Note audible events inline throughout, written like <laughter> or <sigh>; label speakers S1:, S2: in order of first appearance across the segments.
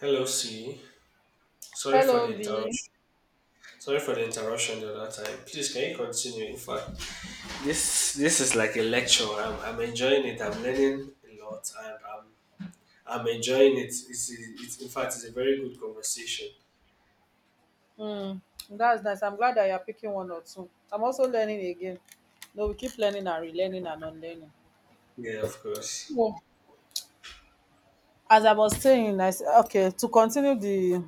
S1: Hello, C. Sorry for
S2: Hello,
S1: the
S2: V.
S1: interruption. Sorry for the interruption the other time. Please, can you continue? In fact, this is like a lecture. I'm enjoying it. I'm learning a lot, and I'm enjoying it. It's, a- it's in fact, it's a very good conversation.
S2: Hmm, that's nice. I'm glad that you're picking one or two. I'm also learning again. No, we keep learning and relearning and unlearning.
S1: Yeah, of course.
S2: So, as I was saying, okay, to continue the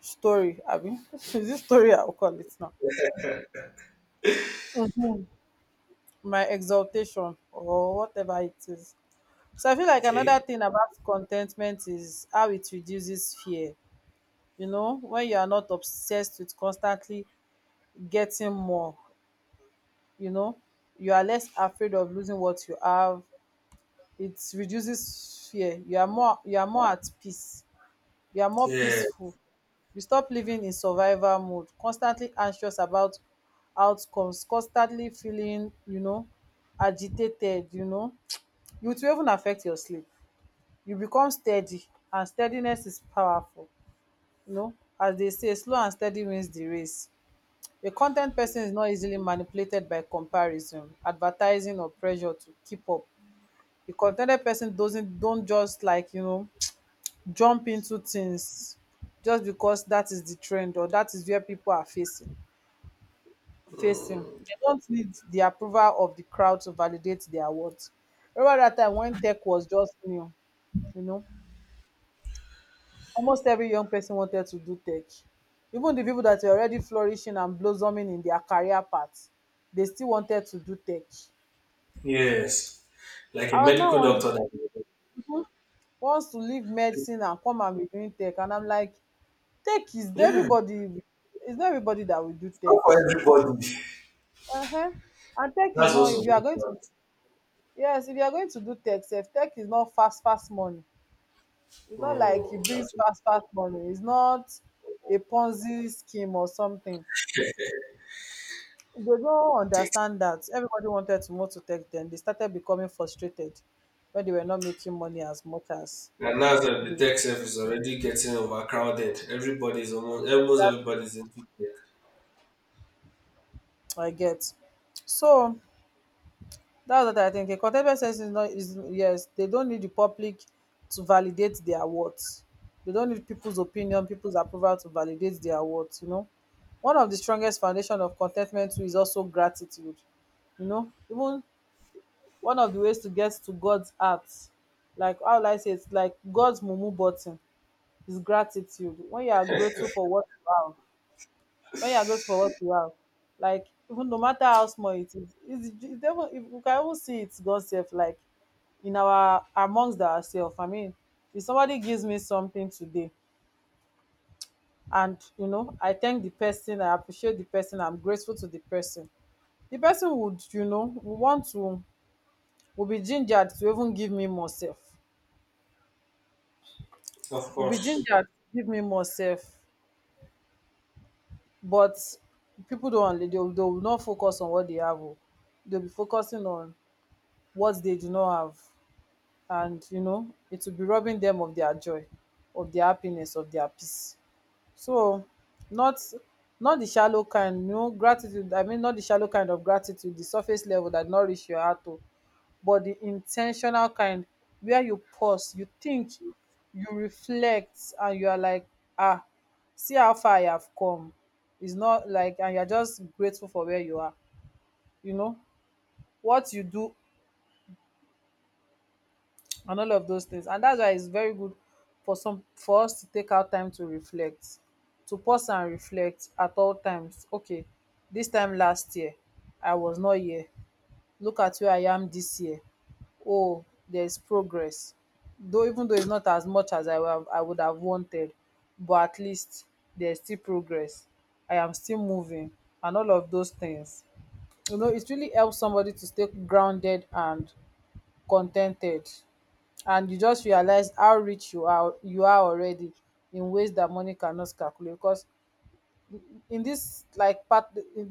S2: story, Abby. <laughs> is this story, I'll call it now. Mhm. My exaltation or whatever it is. So I feel like another
S1: Okay.
S2: thing about contentment is how it reduces fear. You know, when you are not obsessed with constantly getting more, you know you are less afraid of losing what you have. It reduces fear. You are more at peace, you are more
S1: Yeah.
S2: peaceful. You stop living in survival mode, constantly anxious about outcomes, constantly feeling, agitated. It will even affect your sleep. You become steady, and steadiness is powerful. You know, as they say, slow and steady wins the race. A content person is not easily manipulated by comparison, advertising or pressure to keep up. A contented person doesn't don't just, like, <tsk> jump into things just because that is the trend or that is where people are facing. They don't need the approval of the crowd to validate their worth. Remember that time when tech was just new, you know, almost every young person wanted to do tech. Even the people that were already flourishing and blossoming in their career path, they still wanted to do tech.
S1: Yes. Like a
S2: I was now
S1: medical
S2: wondering
S1: doctor. That
S2: who wants to leave medicine and come and be doing tech. And I'm like, tech is
S1: yeah.
S2: everybody, it's not everybody that will do
S1: It's not
S2: tech.
S1: for everybody.
S2: Uh-huh. And tech is
S1: That's
S2: not,
S1: also.
S2: if you are going to, yes, if you are going to do tech, self, tech is not fast, fast money. It's not like
S1: Mm,
S2: it brings
S1: absolutely.
S2: fast, fast money. It's not a Ponzi scheme or something. They don't understand that. Everybody wanted to move to tech then. They started becoming frustrated when they were not making money as much as
S1: And now that the
S2: they,
S1: tech sector is already getting overcrowded, everybody's almost almost everybody's in tech.
S2: I get. So, that's what I think. A contextual sense is not is yes, they don't need the public to validate their worth. They don't need people's opinion, people's approval to validate their worth, you know. One of the strongest foundation of contentment too is also gratitude. You know, even one of the ways to get to God's heart, like how will I say, it's like God's mumu button, is gratitude. When you are grateful for what you have, like, even no matter how small it is, it's even if we can even see it, God self. Like, in our, amongst ourselves, I mean, if somebody gives me something today, and I thank the person, I appreciate the person, I'm grateful to the person, the person would, would want to, we'll be gingered to even give me more self.
S1: Of
S2: We'll be
S1: course.
S2: gingered to give me more self. But people don't, they will not focus on what they have, oh. They'll be focusing on what they do not have, and you know, it will be robbing them of their joy, of their happiness, of their peace. So, not, not the shallow kind no gratitude I mean, not the shallow kind of gratitude, the surface level, that no, your heart o, but the intentional kind, where you pause, you think, you reflect, and you are like, ah, see how far I have come. Is not like, and you are just grateful for where you are, you know, what you do, and all of those things. And that's why it's very good for some for us to take our time to reflect, to pause and reflect at all times. Okay, this time last year, I was not here. Look at where I am this year. Oh, there's progress. Though even though it's not as much as I would have wanted, but at least there's still progress. I am still moving and all of those things. You know, it really helps somebody to stay grounded and contented, and you just realize how rich you are already in ways that money cannot calculate. Because in this, like, part,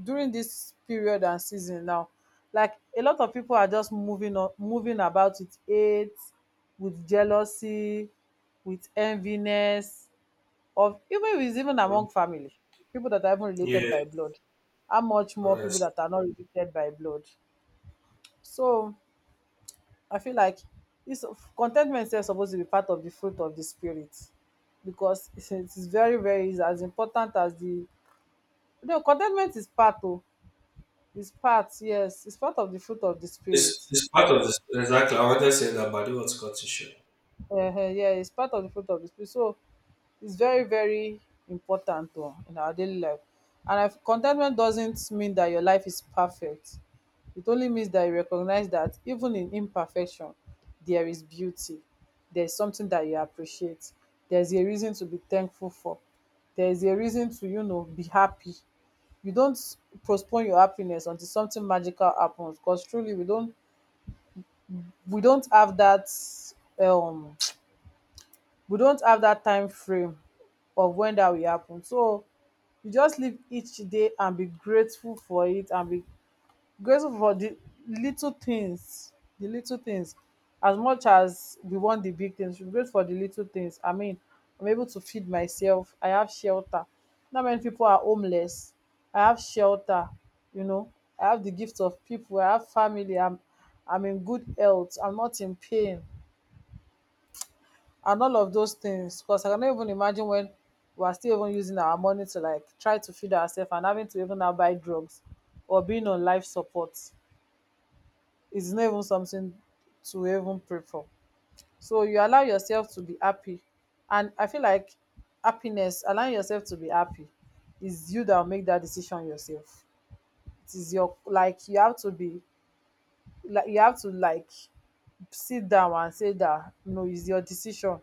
S2: during this period and season now, like, a lot of people are just moving on, moving about with hate, with jealousy, with enviness, of, even with, even
S1: Mm.
S2: among family, people that are even related
S1: Yeah,
S2: by blood, how much more people
S1: honestly.
S2: that are not related by blood. So I feel like this contentment is supposed to be part of the fruit of the spirit, because it is very very, is as important as the, no, contentment is part, oh, is part, yes, it's part of the fruit of the spirit.
S1: It's part of this. Exactly. I wanted to say that, but it was cut to short.
S2: Um, yeah, it's part of the fruit of the spirit. So it's very, very important, oh, in our daily life. And if contentment doesn't mean that your life is perfect. It only means that you recognize that even in imperfection, there is beauty. There's something that you appreciate. There's a reason to be thankful for. There's a reason to, you know, be happy. You don't postpone your happiness until something magical happens. Because truly we don't, we don't have that um we don't have that time frame of when that will happen. So you just live each day and be grateful for it, and be grateful for the little things the little things. As much as we want the big things, we grateful for the little things. I mean, I'm able to feed myself, I have shelter, not many people are homeless, I have shelter, you know, I have the gift of people, I have family, I'm in good health, I'm not in pain, and all of those things. Because I cannot even imagine when we are still even using our money to, like, try to feed ourselves, and having to even now buy drugs, or being on life support, is not even something to even pray for. So you allow yourself to be happy. And I feel like happiness, allowing yourself to be happy, is you that will make that decision yourself. It is your, you have to, like, sit down and say that no, it's your decision,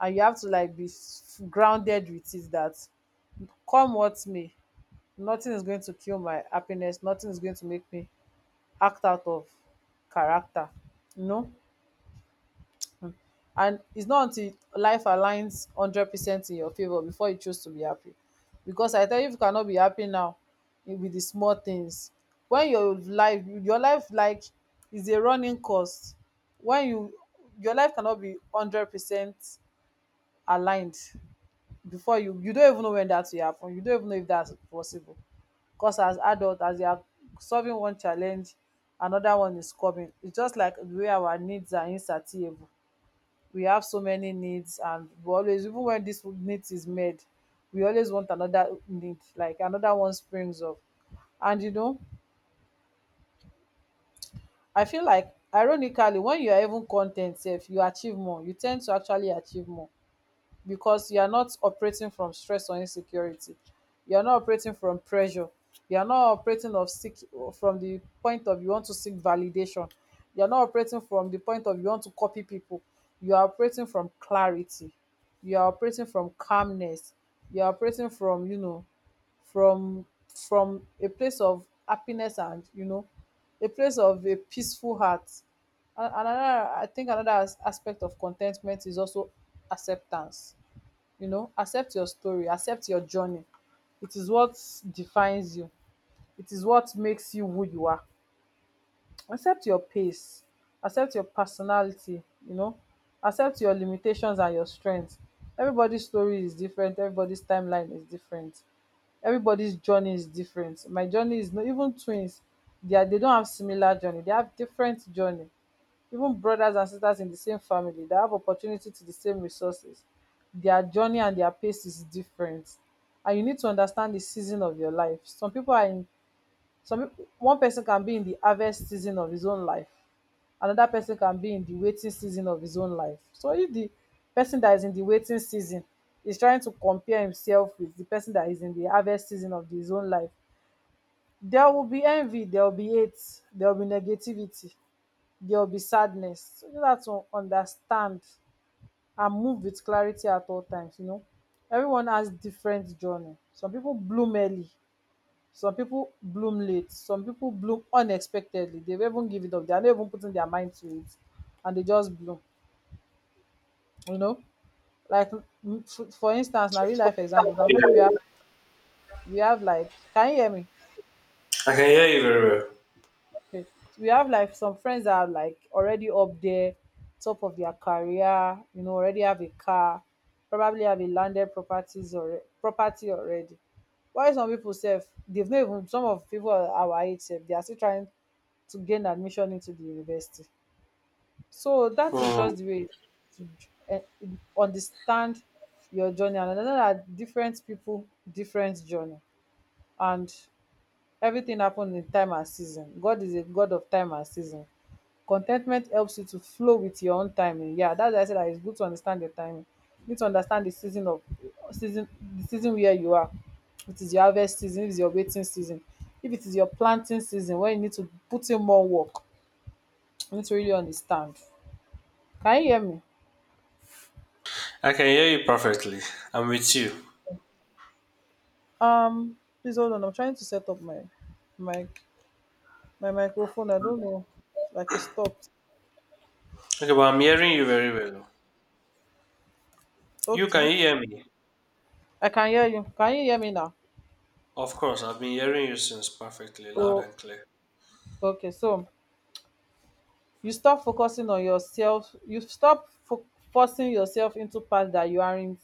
S2: and you have to, like, grounded with it, that come what may, nothing is going to kill my happiness, nothing is going to make me act out of character, you know. Mm. And it's not until life aligns 100% in your favor before you choose to be happy, because I tell you, if you cannot be happy now, eh, with the small things, when your life, like, is a running course, when you, your life cannot be 100% aligned before you, you don't even know when that will happen, you don't even know if that's possible. Because, as adult as you are, solving one challenge, another one is coming. It's just like the way our needs are insatiable. We have so many needs, and we always, even when this need is met, we always want another need, like another one springs up. And you know, I feel like, ironically, when you are even content, ten sef, you tend to actually achieve more, because you are not operating from stress or insecurity, you are not operating from pressure, you are not operating of seek from the point of you want to seek validation, you are not operating from the point of you want to copy people, you are operating from clarity, you are operating from calmness, you are operating from, you know, from from a place of happiness, and you know, a place of a peaceful heart. And another, I think, another aspect of contentment is also acceptance. You know, accept your story, accept your journey, it is what defines you, it is what makes you who you are. Accept your pace, accept your personality, you know, accept your limitations and your strengths. Everybody's story is different, everybody's timeline is different, everybody's journey is different. My journey is not, even twins, they are, they don't have similar journey, they have different journey. Even brothers and sisters in the same family that have opportunity to the same resources, their journey and their pace is different. And you need to understand the season of your life. Some people, one person can be in the harvest season of his own life, another person can be in the waiting season of his own life. So if the person that is in the waiting season is trying to compare himself with the person that is in the harvest season of his own life, there will be envy, there will be hate, there will be negativity, there will be sadness. So you have to understand and move with clarity at all times. You know, everyone has different journey. Some people bloom early, some people bloom late, some people bloom unexpectedly. They even give it up. They are not even putting their mind to it, and they just bloom. You know, like mm, for instance, now real life examples. I'm sure we
S1: Yeah.
S2: have we have. Can you hear me?
S1: I can hear you very
S2: Okay. So we have like some friends that are like already up there, top of their career, you know, already have a car, probably have a landed properties or property already. Why some people self they've not even some of people our age sef, they are still trying to gain admission into the university. So that is
S1: well. Hmm.
S2: just the way to understand your journey and understand that different people, different journey, and everything happens in time and season. God is a God of time and season. Contentment helps you to flow with your own timing. Yeah, that's why I said that it's good to understand your timing. You need to understand the season of season the season where you are. It is your harvest season, if it's your waiting season, if it is your planting season where you need to put in more work. You need to really understand. Can you hear me?
S1: I can hear you perfectly. I'm with you.
S2: Um Please hold on. I'm trying to set up my my my microphone. I don't know. Like it stopped.
S1: Okay, but I'm hearing you very well. You
S2: Okay.
S1: can hear me.
S2: I can hear you. Can you hear me now?
S1: Of course, I've been hearing you since perfectly, loud
S2: Oh
S1: and clear.
S2: okay, so you stop focusing on yourself, you forcing yourself into path that you aren't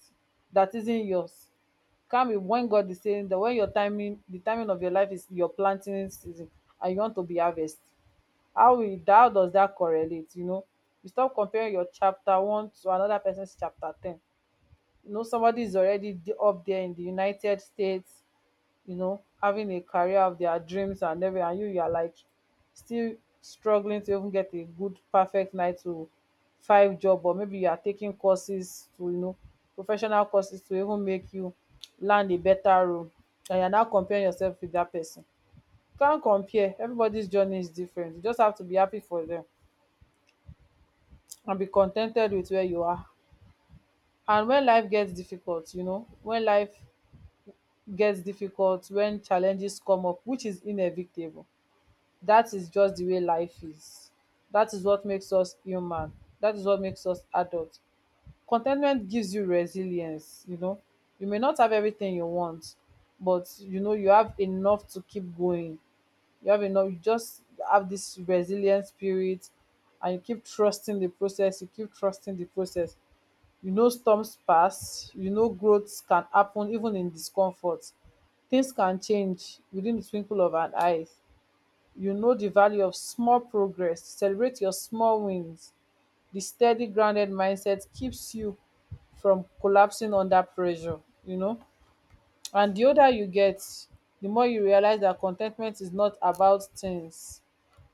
S2: that isn't yours. Calm it when God is saying that, when your timing the timing of your life is your planting season and you want to be harvest. How will how does that correlate, you know? You stop comparing your chapter one to another person's chapter ten. You know, somebody is up there in the United States, you know, having a career of their dreams and everything, and you are like still struggling to even get a good, perfect nine to five job, or maybe you are taking courses to, you know, professional courses to even make you land a better role, and you are now comparing yourself with that person. You can't compare. Everybody's journey is different. You just have to be happy for them and be contented with where you are. And when life gets difficult, you know, when life gets difficult, when challenges come up, which is inevitable, that is just the way life is. That is what makes us human. That is what makes us adults. Contentment gives you resilience, you know. You may not have everything you want, but you know you have enough to keep going. You have enough, you just have this resilient spirit, and you keep trusting the process, You know, storms pass, you know growth can happen even in discomfort. Things can change within the twinkle of an eye. You know the value of small progress, celebrate your small wins. The steady grounded mindset keeps you from collapsing under pressure, you know. And the older you get, the more you realize that contentment is not about things,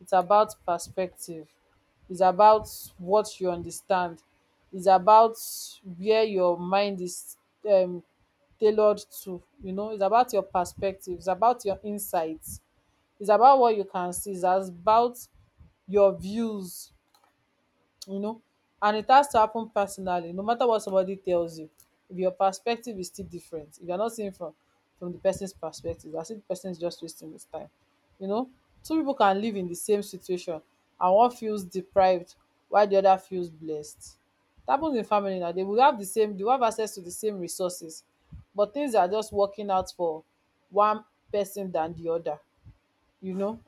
S2: it's about perspective. It's about what you understand, it's about where your mind is, um tailored to, you know. It's about your perspective, it's about your insights, it's about what you can see. It's about your views, you know. And it has to happen personally, no matter what somebody tells you. If your perspective is still different, if you're not seeing from the person's perspective, as if the person is just wasting his time. You know, two people can live in the same situation and one feels deprived while the other feels blessed. It happens in family now. They will have the same, they will have access to the same resources, but things are just working out for one person than the other, you know.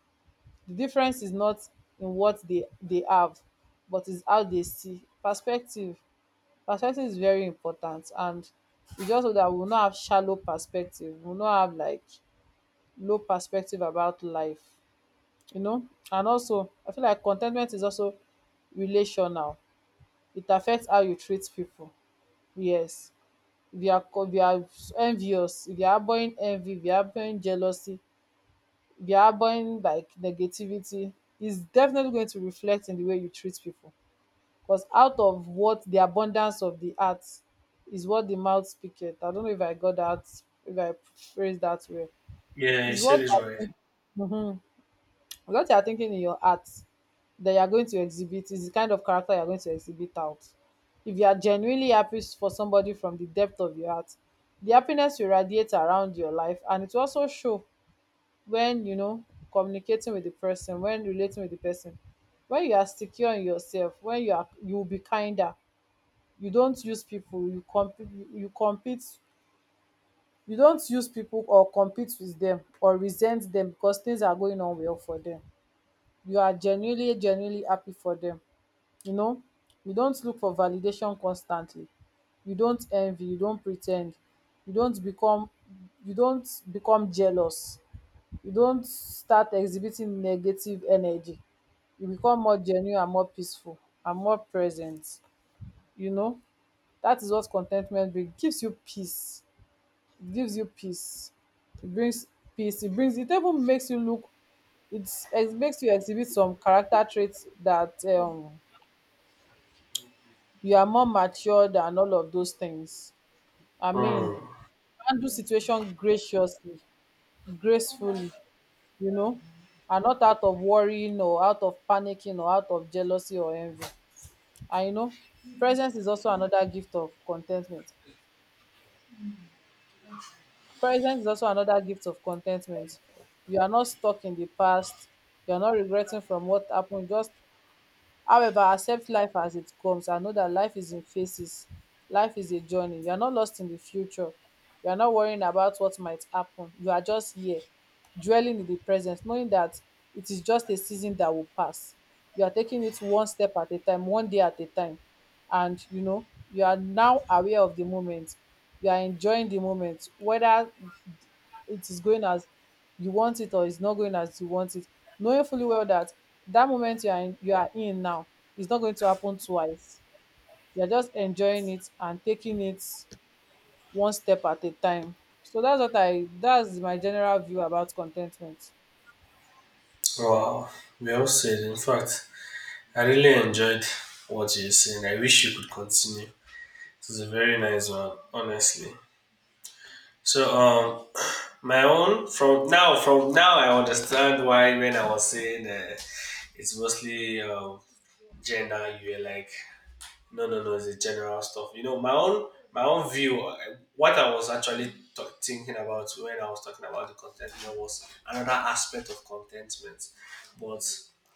S2: The difference is not in what they have, but is how they see. Perspective is very important, and it's just so that we will not have shallow perspective. We will not have like low perspective about life, you know. And also I feel like contentment is also relational. It affects how you treat people. Yes. If you are envious, if you are harboring envy, if you are harboring jealousy, behind like negativity is definitely going to reflect in the way you treat people. Because out of what the abundance of the heart is what the mouth speaketh. I don't know if I got that, if I phrased that well.
S1: Yeah, you
S2: Is
S1: said
S2: what
S1: it right.
S2: mm-hmm. What you are thinking in your heart, that you are going to exhibit, is the kind of character you are going to exhibit out. If you are genuinely happy for somebody from the depth of your heart, the happiness will radiate around your life, and it will also show when you know communicating with the person, when relating with the person, when you are secure in yourself, when you are you will be kinder. You compete, you don't use people or compete with them or resent them because things are going on well for them. You are genuinely happy for them, you know. You don't look for validation constantly, you don't envy, you don't pretend. you don't become you don't become jealous, you don't start exhibiting negative energy. You become more genuine and more peaceful and more present, you know. That is what contentment brings. It gives you peace, it gives you peace it brings peace. It even makes you look, it makes you exhibit some character traits that you are more mature than all of those things. i mean
S1: Hmm.
S2: Handle situation graciously, gracefully, you know, and not out of worrying or out of panicking or out of jealousy or envy. And you know, presence is also another gift of contentment, presence is also another gift of contentment you are not stuck in the past, you are not regretting from what happened. Just However, accept life as it comes and know that life is in phases. Life is a journey. You are not lost in the future. You are not worrying about what might happen. You are just here, dwelling in the present, knowing that it is just a season that will pass. You are taking it one step at a time, one day at a time. And you know, you are now aware of the moment. You are enjoying the moment, whether it is going as you want it or it's not going as you want it, knowing fully well that that moment you are in now is not going to happen twice. You are just enjoying it and taking it one step at a time. So that's what I that's my general view about contentment.
S1: Wow. We all said, in fact. I really enjoyed what you're saying. I wish you could continue. It was a very nice one, honestly. So my own from now I understand why when I was saying it's mostly gender you were like no, no, no. It's the general stuff. You know, my own view. What I was actually thinking about when I was talking about the contentment was another aspect of contentment, but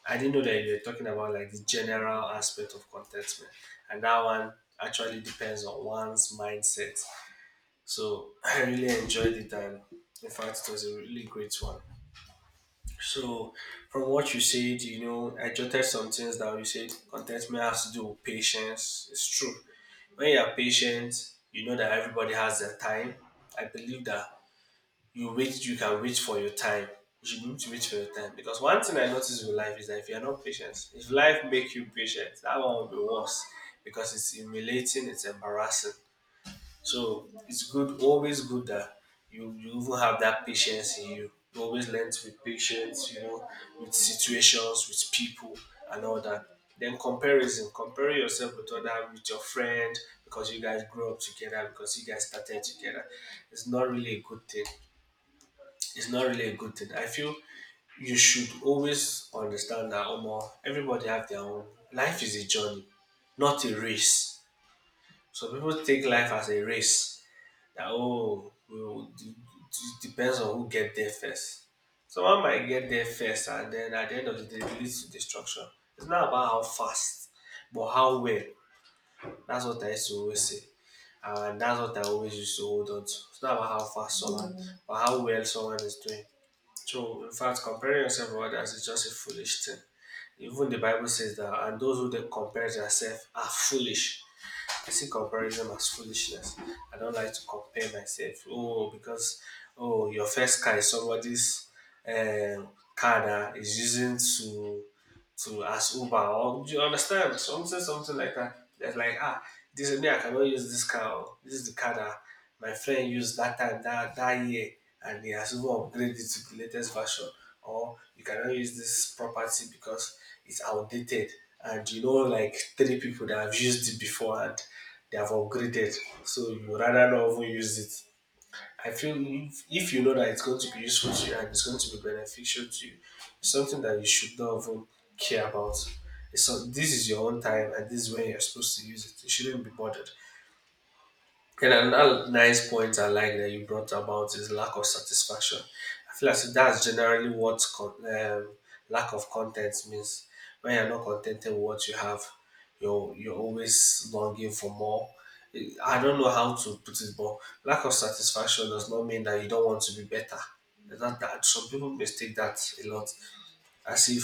S1: I didn't know that you were talking about like the general aspect of contentment, and that one actually depends on one's mindset. So <clears throat> I really enjoyed it, and in fact, it was a really great one. So, from what you said, you know, I jotted some things that you said contentment has to do with patience. It's true. When you are patient, you know that everybody has their time. I believe that you wait, you can wait for your time. You should be able to wait for your time. Because one thing I notice with life is that if you're not patient, if life make you patient, that one will be worse because it's humiliating, it's embarrassing. So it's good, always good that you even have that patience in you. You always learn to be patient, you know, with situations, with people, and all that. Then comparison, compare yourself with other, with your friend, because you guys grew up together, because you guys started together. It's not really a good thing. It's not really a good thing. I feel you should always understand that Omo, everybody have their own. Life is a journey, not a race. So people take life as a race that oh, well, depends on who get there first. Someone might get there first, and then at the end of the day, it leads to destruction. It's not about how fast, but how well. That's what I used to always say, and that's what I always used to hold on to. It's not about how fast someone, mm, but how well someone is doing. So, in fact, comparing yourself with others is just a foolish thing. Even the Bible says that, and those who they compare themselves are foolish. I see comparison as foolishness. I don't like to compare myself. Oh, because oh, your first car is somebody's um, car that is using to ask Uber or do you understand something like that. That's like ah, this is me. I cannot use this car. Oh, this is the car that my friend used that time that year, and he has even upgraded it to the latest version. Or you cannot use this property because it's outdated, and you know like three people that have used it before and they have upgraded. So you rather not even use it. I feel if you know that it's going to be useful to you and it's going to be beneficial to you, it's something that you should not even care about. It's so this is your own time and this is when you're supposed to use it. You shouldn't be bothered. And another nice point I like that you brought about is lack of satisfaction. I feel as if that's generally what lack of content means. When you're not contented with what you have, you're always longing for more. I don't know how to put it, but lack of satisfaction does not mean that you don't want to be better. That some people mistake that a lot, as if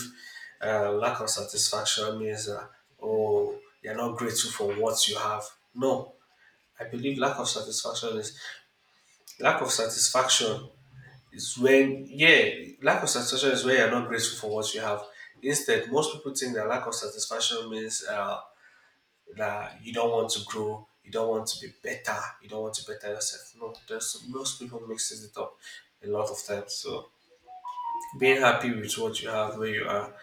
S1: lack of satisfaction means that oh you're not grateful for what you have. No, I believe lack of satisfaction is when yeah, lack of satisfaction is when you're not grateful for what you have. Instead, most people think that lack of satisfaction means that you don't want to grow, you don't want to be better, you don't want to better yourself. No, there's most people mixes it up a lot of times. So being happy with what you have where you are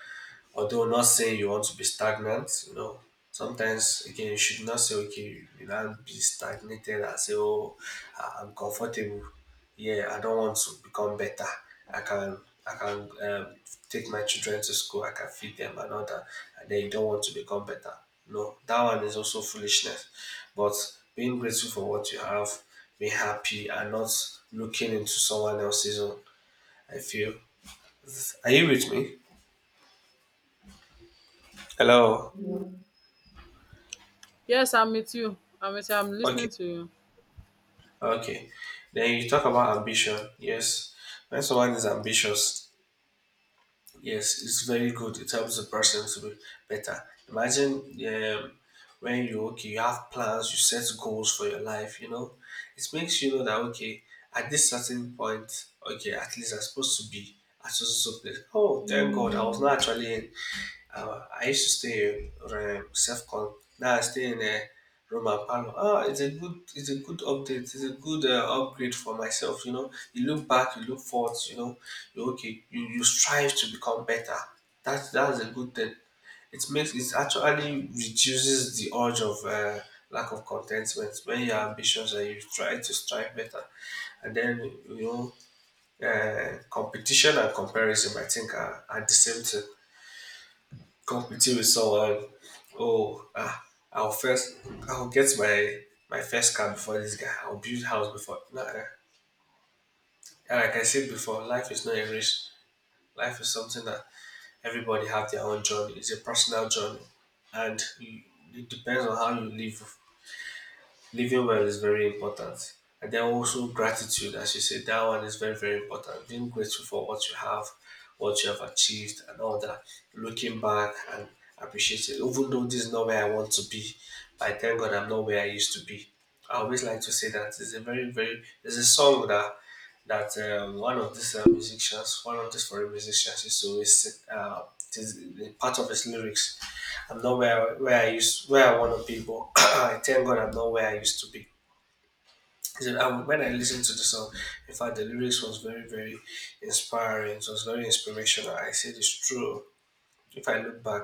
S1: although not saying you want to be stagnant, you know, sometimes again you should not say okay, you not be stagnated and say oh, I'm comfortable. Yeah, I don't want to become better. I can I can take my children to school. I can feed them and all that. And then you don't want to become better. No, that one is also foolishness. But being grateful for what you have, being happy, and not looking into someone else's own. I feel. Are you with me? Hello.
S2: Yes, I'm with you. I'm listening
S1: Okay.
S2: to you. <laughs>
S1: Okay. Then you talk about ambition. Yes. When someone is ambitious, yes, it's very good. It helps the person to be better. Imagine when you okay, you have plans, you set goals for your life, you know. It makes you know that okay, at this certain point, okay, at least I'm supposed to be at so so so place. Oh, thank God, I was not actually in I used to stay in self con. Now I stay in a room and parlor. Ah, it's a good update. It's a good upgrade for myself. You know, you look back, you look forward. You know, you okay. You strive to become better. That's a good thing. It makes it actually reduces the urge of lack of contentment when you're ambitious and you try to strive better. And then you know, competition and comparison, I think, are the same thing. Competing with someone, oh, ah, I'll first, I'll get my first car before this guy. I'll build house before. No, eh, and like I said before, life is not a race. Life is something that everybody have their own journey. It's a personal journey, and you- it depends on how you live. Living well is very important. And then also gratitude, as you said, that one is very, very important. Being grateful for what you have achieved, and all that. Looking back and appreciating, even though this is not where I want to be, but I thank God I'm not where I used to be. I always like to say that it's a very, very, there's a song that one of these musicians, one of these foreign musicians used to always uh, this, part of his lyrics I'm not where I want to be, but <clears throat> I thank God I'm not where I used to be. Because when I listened to the song, in fact, the lyrics was very, very inspiring. It was very inspirational. I said it's true. If I look back,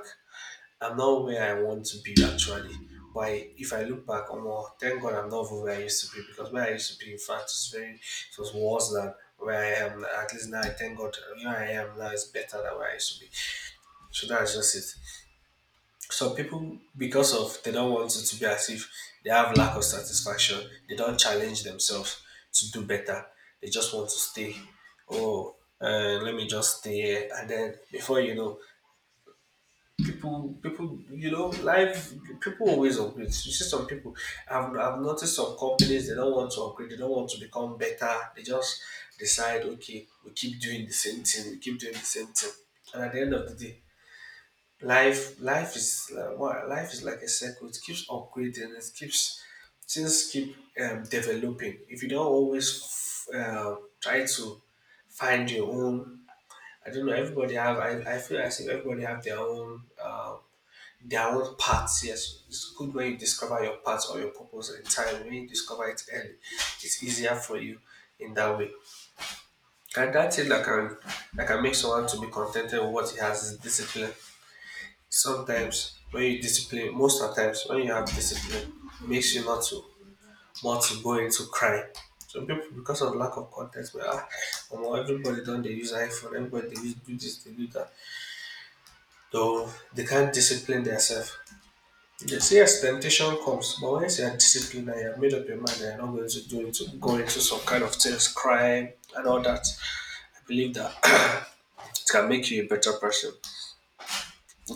S1: I'm not where I want to be actually. But if I look back, oh am thank God I'm not where I used to be because where I used to be, in fact, is very it was worse than where I am. At least now, I thank God where I am now is better than where I used to be. So that's just it. Some people because of they don't want it to be as if they have lack of satisfaction they don't challenge themselves to do better they just want to stay oh let me just stay here and then before you know people you know life people always upgrade. You see some people I've noticed some companies they don't want to upgrade they don't want to become better they just decide okay we keep doing the same thing and at the end of the day life is like what life is like a circle. It keeps upgrading. It keeps things keep developing. If you don't always try to find your own, I don't know. Everybody have. I feel as if everybody have their own paths. Yes, it's good when you discover your path or your purpose in time. When you discover it early, it's easier for you in that way. And that's it. That can make someone to be contented with what he has is discipline sometimes when you discipline most of the times when you have discipline it makes you not to want to go into crime some people because of lack of context but ah, omo, everybody don't they use iphone, everybody they use do this they do that, though they can't discipline themselves. They say yes, temptation comes, but once you are disciplined and you have made up your mind that you're not going to do it, to go into some kind of things, crime and all that, I believe that <clears throat> it can make you a better person.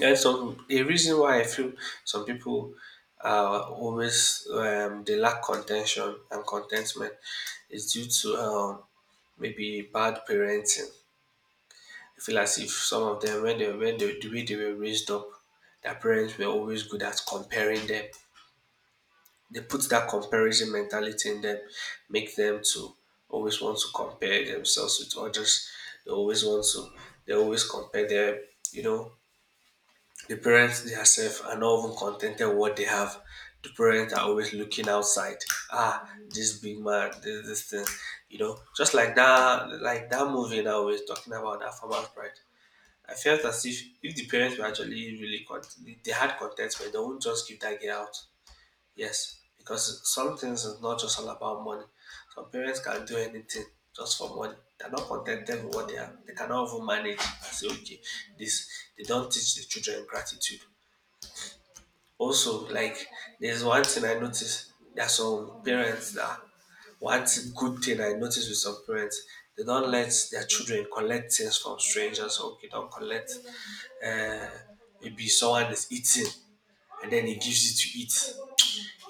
S1: And so a reason why I feel some people are always they lack contention and contentment is due to maybe bad parenting. I feel as if some of them when they the way they were raised up, their parents were always good at comparing them. They put that comparison mentality in them, make them to always want to compare themselves with others. They always want to they always compare their you know The parents themselves are not even contented with what they have. The parents are always looking outside. Ah, this big man, this thing, you know, just like that movie that we was talking about, that Farmer's Bride. I felt as if the parents were actually really content, they had contentment, they wouldn't just give that girl out. Yes, because some things is not just all about money. Some parents can do anything just for money. They're not contented with what they have. They cannot even manage and say, okay, this. They don't teach the children gratitude. Also, like, there's one thing I noticed. There are some parents that good thing I noticed with some parents, they don't let their children collect things from strangers. Okay, don't collect. Uh, maybe someone is eating and then he gives you to eat.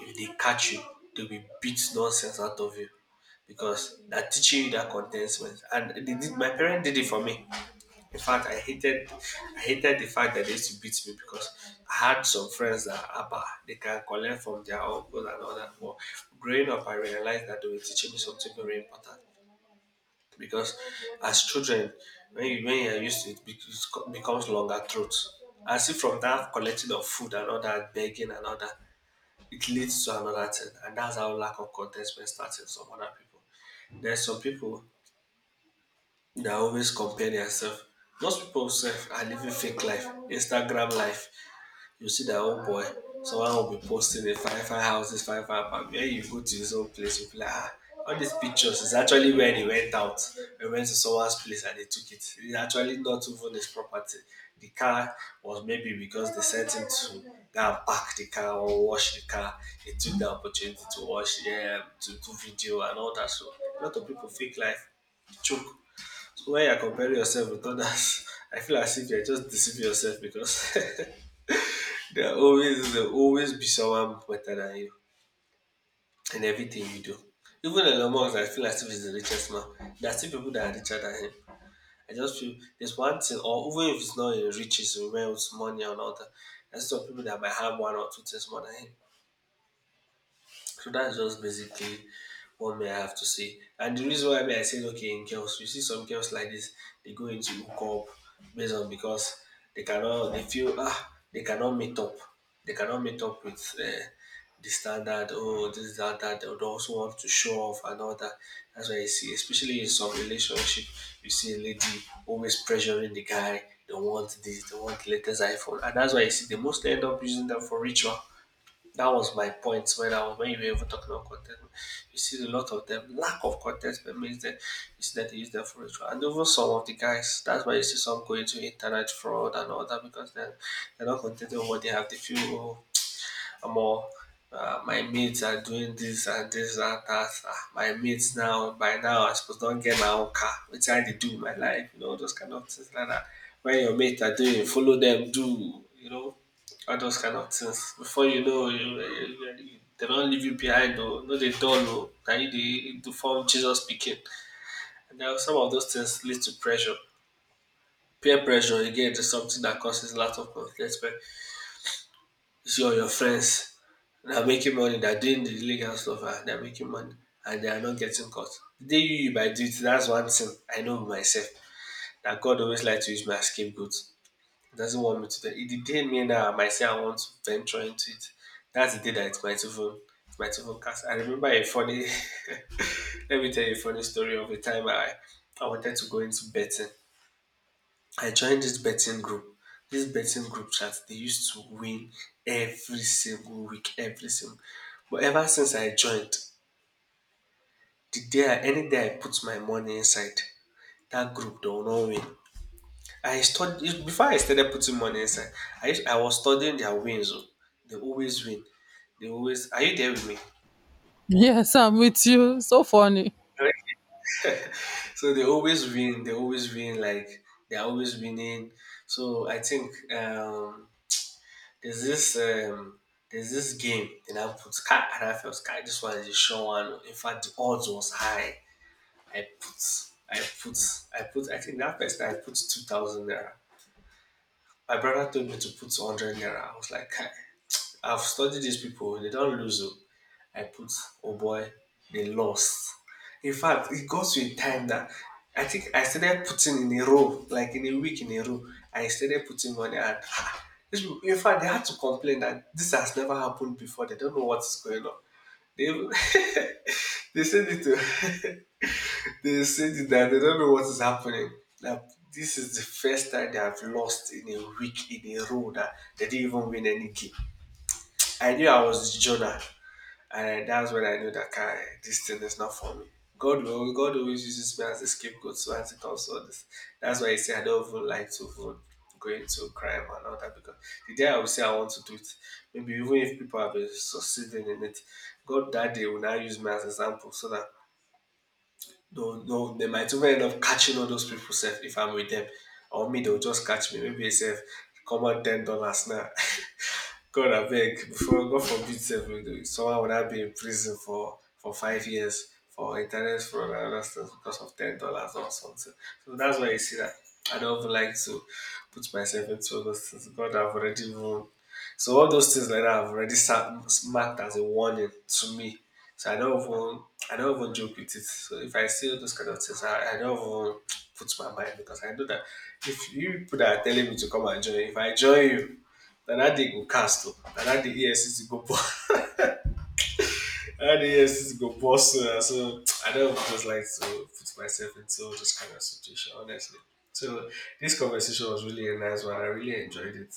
S1: If they catch you, they will beat nonsense out of you because they're teaching you that contentment. And they did, my parents did it for me. In fact, I hated the fact that they used to beat me because I had some friends that are upper. They can collect from their uncles and all that. But growing up, I realized that they were teaching me something very important because as children, when you when you're used to it, it becomes longer throat. I see from that collecting of food and all that, begging and all that, it leads to another thing, and that's how lack of contentment starts in some other people. There's some people they are always comparing yourself. Most people sef are living fake life, Instagram life. You see that, oh boy, someone will be posting a fine fine houses, fine fine apartment. When you go to his own place, you'll be like, ah, all these pictures is actually where they went out. They went to someone's place and they took it. It's actually not even his property. The car was maybe because they sent him to go and park the car or wash the car. He took the opportunity to wash, yeah, to do video and all that. So a lot of people fake life, choke when you're comparing yourself with others, <laughs> I feel as if you're just deceiving yourself because <laughs> there always be someone better than you in everything you do. Even Elon Musk, I feel as if he's the richest man. There are still people that are richer than him. I just feel there's one thing, or even if it's not in riches, in wealth, money, and all that, there's some people that might have one or two things more than him. So that's just basically what may I have to say. And the reason why may I say okay in girls, you see some girls like this, they go into hook up based on because they feel ah they cannot meet up. They cannot meet up with the standard, oh this, that, that they would also want to show off and all that. That's why you see, especially in some relationship, you see a lady always pressuring the guy, they want this, they want the latest iPhone. And that's why you see they mostly end up using them for ritual. That was my point when I was when you were even talking about contentment. You see a lot of them, lack of contentment means that you see that they use them for ritual. And even some of the guys, that's why you see some going to internet fraud and all that because they're not contented with what they have. They feel, oh, omo, my mates are doing this and this and that. Ah, my mates now by now I suppose don't get my own car. Which I dey do with my life? You know those kind of things like that. When your mates are doing, follow them, do, you know, all those kind of things. Before you know you, they don't leave you behind oh. No dey dull oh, na you the form Jesus speaking. And den some of those things lead to pressure. Peer pressure again is something that causes a lot of conflict. You see all your friends, they're making money. They're doing the illegal stuff and they're making money and they are not getting caught. The day you might do it, that's one thing. I know myself that God always likes to use my scapegoat. He doesn't want me to do it. The day me now I might say I want to venture into it, that's the day that it might even cast. I remember a funny <laughs> let me tell you a funny story of a time I wanted to go into betting. I joined this betting group. This betting group chat they used to win every single week, every single, but ever since I joined, the day I any day I put my money inside, that group dey will no win. I study before I started putting money inside. I was studying their wins. Oh, they always win. They always, are you there with me?
S2: Yes, I'm with you. So funny.
S1: So they always win, they always win, like they are always winning. So I think, um, there's this, um, there's this game and I put Sky and I felt Sky this one is a sure one. In fact, the odds was high. I put I put I put, I think that first time, I put 2,000 naira. My brother told me to put hundred naira. I was like, "Kai, I've studied these people, they don't lose, oh." I put, oh boy, they lost. In fact, it got to a time that I think I started putting in a row, like in a week in a row. I started putting money, and ah, these people- in fact, they had to complain that this has never happened before. They don't know what is going on. They, even- <laughs> they said it to, <laughs> they said it that they don't know what is happening. That this is the first time they have lost in a week in a row that they didn't even win any game. I knew I was Jonah. And that's when I knew that guy, this thing is not for me. God will, God always uses me as a scapegoat. So as it comes to all this, that's why I say I don't even like to even go into crime and all that because the day I will say I want to do it, maybe even if people have been succeeding in it, God that day will now use me as an example so that no, no, they might even end up catching all those people self if I'm with them, or me they'll just catch me. Maybe they say, "Come on, $10 now." <laughs> God, I beg, before God forbid, sef, if someone would have been in prison for, 5 years for internet fraud and other stuff because of $10 or something. So that's why you see that I don't even like to put myself into all those things. God, I've already won. So all those things like that have already marked as a warning to me. So I don't even joke with it. So if I see all those kind of things, I don't even put my mind because I know that if you people that are telling me to come and join, if I join you, na dat day go cast o. Na dat day EFCC go bust. <laughs> na dat day EFCC <laughs> go bust, so na so I don't just like to put myself into this kind of situation, honestly. So this conversation was really a nice one. I really enjoyed it.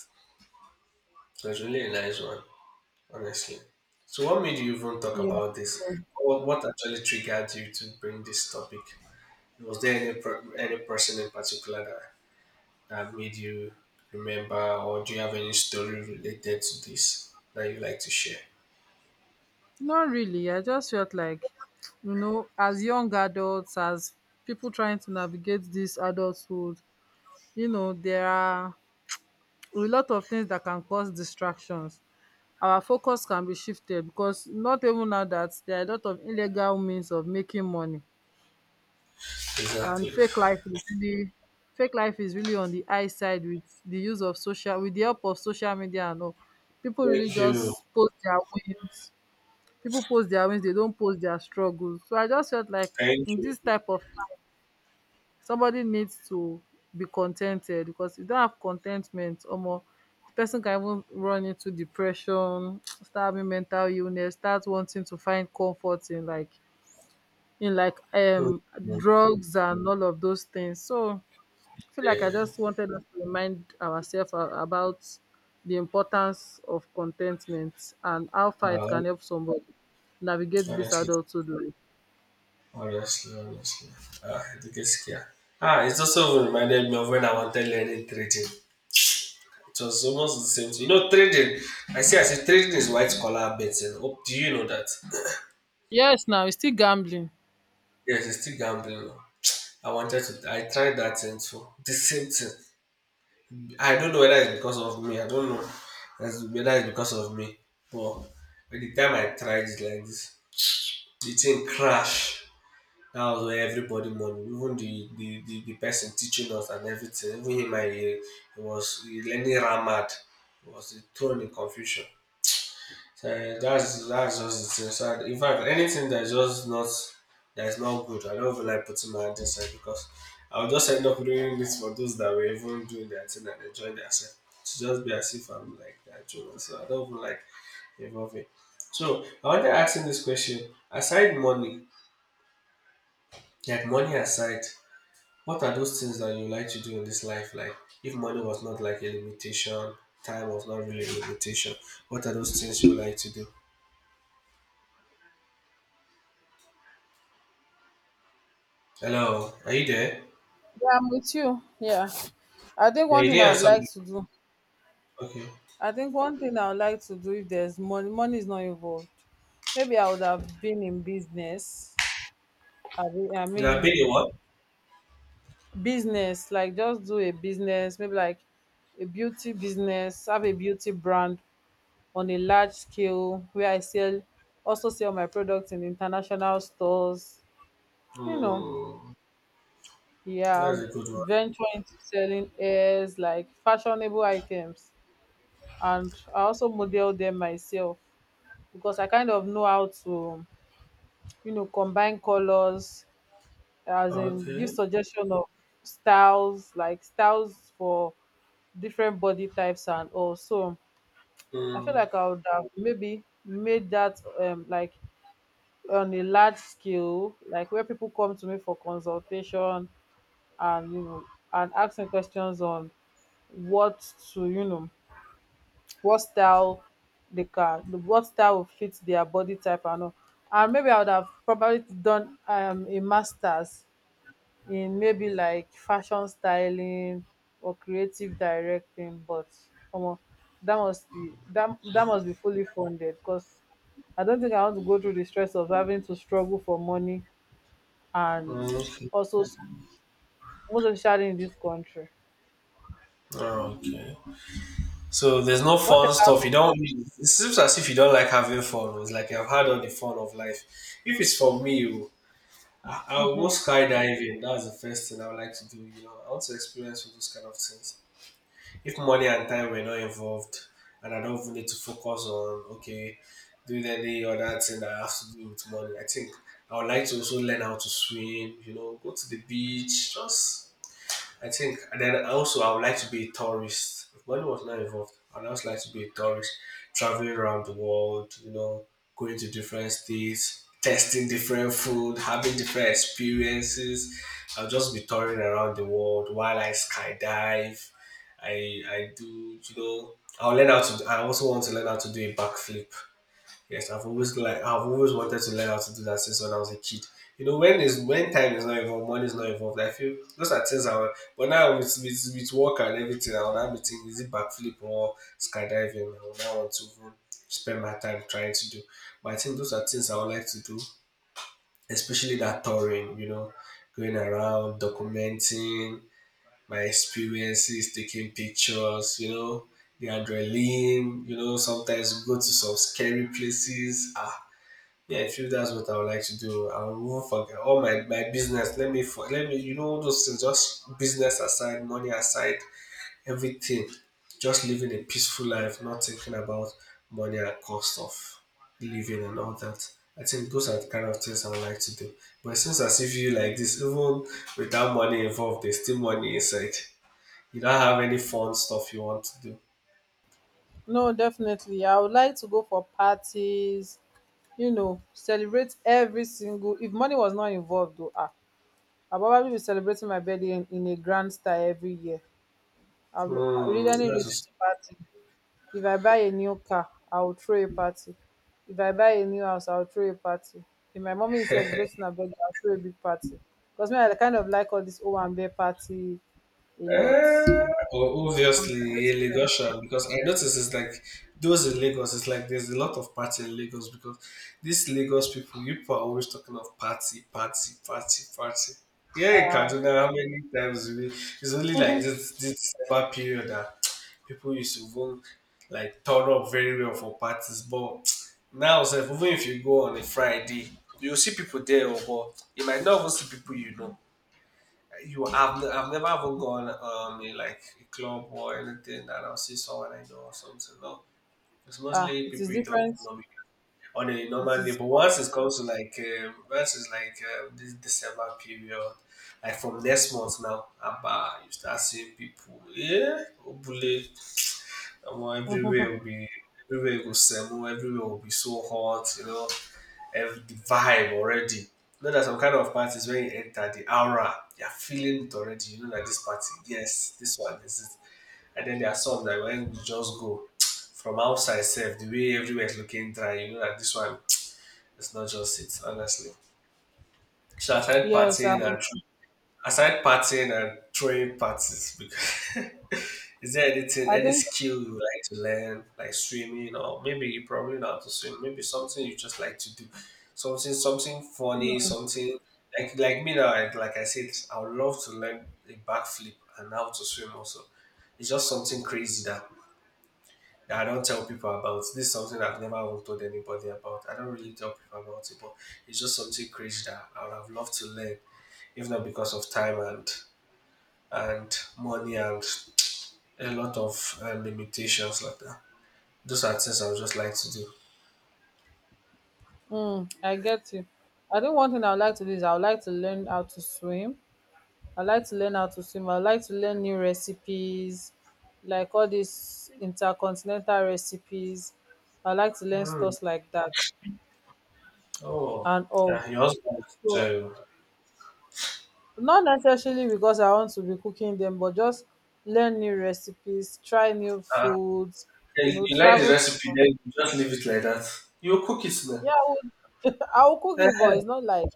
S1: It was really a nice one, honestly. So what made you even talk
S2: Yeah.
S1: about this?
S2: So,
S1: What actually triggered you to bring this topic? Was there any any person in particular that, that made you remember, or do you have any story related to this that you like to share?
S2: not really. I just felt like, you know, as young adults, as people trying to navigate this adulthood, you know, there are a lot of things that can cause distractions. Our focus can be shifted because not even now that there are a lot of illegal means of making money, and
S1: Exactly.
S2: fake life is really on the high side with the use of social with the help of social media and all. People really
S1: Thank you.
S2: just post their wins. People post their wins, they don't post their struggles. So I just felt like
S1: Thank
S2: in
S1: you.
S2: this type of, somebody needs to be contented because if you don't have contentment, omo, the person can even run into depression, <tsk> start having mental illness, start wanting to find comfort in in like
S1: Mm,
S2: um
S1: mm,
S2: drugs and all of those things. So I feel like I
S1: yeah.
S2: just wanted us to remind about the importance of contentment and how far it
S1: Uh,
S2: can help somebody navigate this
S1: Honestly,
S2: adulthood life.
S1: honestly, honestly. Ah, the gaskiya. Ah, it also reminded me of when I wanted learning trading. It was almost the same thing. You know, trading. I see, trading is white collar betting. Oh, do you know that?
S2: Yes, now it's still gambling.
S1: Yes, it's still gambling. Oh. I tried that thing too. The same thing. I don't know whether it's because of me. I don't know that's- whether it's because of me. But by the time I tried it like this, the thing crashed. That was where everybody money, even the person teaching us and everything, even he was he learning Ramad, he was thrown in confusion. So eh, that's just the thing. So in fact, anything that's just not that's not good, I don't even like putting my hand inside, because I would just end up doing this for those that were even doing their thing and enjoying themselves. To just be as if I'm like that, Jonah. So I don't even like involving. So I want to ask him this question. Aside money, like money aside, what are those things that you like to do in this life? Like, if money was not like a limitation, time was not really a limitation, what are those things you like to do? Hello, are you there?
S2: Yeah, I'm with you. Yeah. I think
S1: Yeah,
S2: one
S1: you
S2: thing
S1: didn't
S2: I would
S1: answer me.
S2: like to do,
S1: Okay.
S2: I think one thing I would like to do if there's money, money is not involved. Maybe I would have been in business. I mean, I
S1: Did I
S2: mean
S1: pay you what?
S2: business, like just do a business, maybe like a beauty business, have a beauty brand on a large scale where I sell, also sell my products in international stores. You know,
S1: Mm, that's
S2: yeah,
S1: a good one.
S2: venture into selling airs, like fashionable items. And I also model them myself, because I kind of know how to, combine colors, as in give
S1: Okay.
S2: suggestion of styles, like styles for different body types. And also I feel
S1: Mm,
S2: like I would have maybe made that, like on a large scale, like where people come to me for consultation, and and asking questions on what to, what style they can, what style will fit their body type and all. And maybe I would have probably done a masters in maybe like fashion styling or creative directing, but um, that must be that must be fully funded, because I don't think I want to go through the stress of having to struggle for money. And
S1: okay.
S2: also most especially in this country.
S1: Oh, okay. So there's no
S2: What
S1: fun
S2: about?
S1: stuff. You don't. It seems as if you don't like having fun. It's like I've had all the fun of life. If it's for me, oh, I'll go skydiving. That's the first thing I would like to do. You know, I want to experience all those kind of things. If money and time were not involved, and I don't even need to focus on okay, doing any other thing that I have to do with money, I think I would like to also learn how to swim. You know, go to the beach, just I think, and then also I would like to be a tourist. If money was not involved, I'd also like to be a tourist, traveling around the world, you know, going to different states, testing different food, having different experiences. I'll just be touring around the world while I skydive. You know, I'll learn how to. I also want to learn how to do a backflip. Yes, I've always wanted to learn how to do that since when I was a kid. You know, when time is not involved, money is not involved. I feel those are things I want. But now with with work and everything, I will now be thinking is it backflip or skydiving? I will now want to even spend my time trying to do. But I think those are things I would like to do, especially that touring. You know, going around documenting my experiences, taking pictures. You know, the adrenaline. You know, sometimes go to some scary places. Ah yeah, if you that's what I would like to do, I won't forget all my business. Let me you know all those things, just business aside, money aside, everything. Just living a peaceful life, not thinking about money and cost of living and all that. I think those are the kind of things I would like to do. But it seems as if you like this, even without money involved, there's still money inside. You don't have any fun stuff you want to do.
S2: No, definitely I would like to go for parties. You know, celebrate every single— if money was not involved though, ah, I probably be celebrating my birthday in a grand style every year. I'll
S1: Hmm,
S2: read any reason
S1: that's
S2: to party. If I buy a new car, I will throw a party. If I buy a new house, I will throw a party. If my mommy is celebrating her birthday, I will throw a big party. Because me, I kind of like all this O and B party a lot.
S1: Uh,
S2: I'm
S1: obviously, a
S2: celebrating
S1: Lagosian, because I notice it's like those in Lagos. It's like there's a lot of party in Lagos, because these Lagos people, you people are always talking of party, party, party, party. Yeah, in
S2: my
S1: Kaduna, how many times we? It's only like
S2: um
S1: this December period that <tsk> people used to even like turn up very well for parties. But <tsk> now, sef, even if you go on a Friday, you'll see people there, oh, but you might not even see people you know. You, I've never even gone in like a club or anything that I'll see someone I know or something. No, it's
S2: <laughs>
S1: mostly
S2: it is
S1: people you don't
S2: different.
S1: know me on a
S2: It
S1: normal day.
S2: is
S1: But once it comes to like once it's like this December period, like from next month now, Abba, you start seeing people. Yeah, Obule, <tsk> omo,
S2: um
S1: everywhere will be so hot, you know the vibe already. You know that some kind of parties when you enter the aura, you're feeling it already. You know that this party, yes, this one, this is. And then there are some that when you just go <tsk> from outside self, the way everywhere is looking dry, you know that this one is not just it, honestly. So I started
S2: yes um
S1: partying and aside partying and throwing parties, because <laughs> is there anything,
S2: I
S1: any
S2: think.
S1: skill you like to learn, like swimming, or maybe you probably know how to swim, maybe something you just like to do, something, something funny, something like me now. Like I said, I would love to learn a backflip and how to swim. Also, it's just something crazy that. That I don't tell people about this. Is something I've never even told anybody about. I don't really tell people about it, but it's just something crazy that I would have loved to learn, if not because of time and money and a lot of limitations like that. Those are things I would just like to do.
S2: Mm, I get you. I think one thing I would like to do is I would like to learn how to swim. I like to learn how to swim. I like to learn new recipes, like all these intercontinental recipes. I like to learn
S1: Hmm.
S2: stuff like that
S1: Oh,
S2: and all.
S1: yeah, your husband.
S2: So
S1: So,
S2: not necessarily because I want to be cooking them, but just learn new recipes, try new
S1: uh,
S2: foods, you
S1: you
S2: know,
S1: you like the
S2: travel to.
S1: recipe, then you just leave it like that. You cook it now.
S2: Yeah, I would <laughs> I will cook it, but it's not like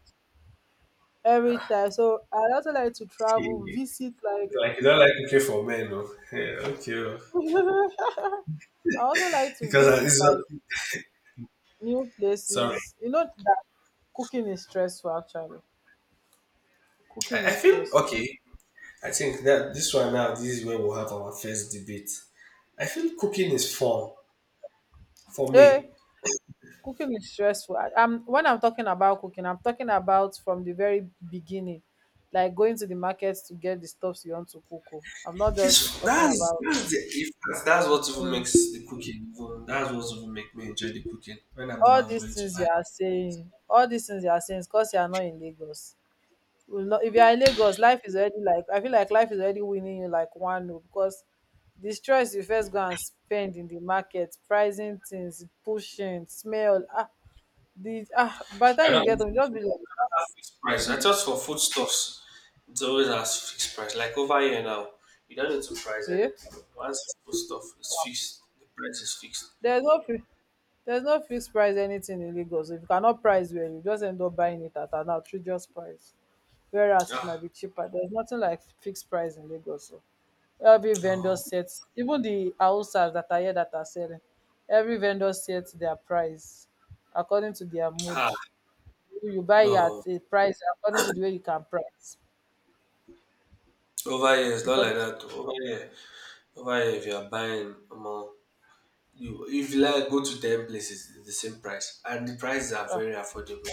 S2: every time. So I also like to travel,
S1: Okay. <laughs>
S2: visit like
S1: Like you don't like cooking for men, no? Yeah, okay. Oh.
S2: <laughs> I also like to
S1: Because I,
S2: visit
S1: it's
S2: like
S1: not,
S2: new
S1: sorry,
S2: places. You know that cooking is stressful, actually. Cooking
S1: I
S2: is
S1: feel
S2: stressful.
S1: okay. I think that this one now, this is where we'll have our first debate. I feel cooking is fun for
S2: Hey,
S1: me.
S2: cooking is stressful. I'm when I'm talking about cooking, I'm talking about from the very beginning, like going to the market to get the stuffs you want to cook. Oh, I'm not just
S1: It's
S2: talking about.
S1: that's what even
S2: Mm,
S1: makes the cooking even that's what even make me enjoy the cooking when I'm the
S2: all
S1: one
S2: these
S1: going to
S2: things
S1: buy.
S2: you are saying. All these things you are saying is because you are not in Lagos. We not— if you are in Lagos, life is already like, I feel like life is already winning you like one oh, because the stress you first go and spend in the market, pricing things, pushing, smell, ah, the ah, by the
S1: I
S2: time you
S1: don't
S2: get them, just be
S1: have fixed price. I
S2: like.
S1: just for foodstuffs, it's always has fixed price. Like over here now, you don't need to price
S2: Yeah,
S1: anything. Once it's food stuff is fixed, the price is fixed.
S2: there's no fi- there's no fixed price anything in Lagos. If you cannot price well, you just end up buying it at an outrageous price, whereas it might
S1: Ah
S2: be cheaper. There's nothing like fixed price in Lagos. So every vendor
S1: no,
S2: sets— even the houses that are here that are selling— every vendor sets their price according to their mood.
S1: ah
S2: You buy it
S1: no.
S2: at a price according to the way you can price.
S1: Over here it's not like
S2: According to,
S1: that. Oh. Over here if you are buying more. You, if you like go to ten places, it's the same price, and the prices are
S2: ah,
S1: very affordable.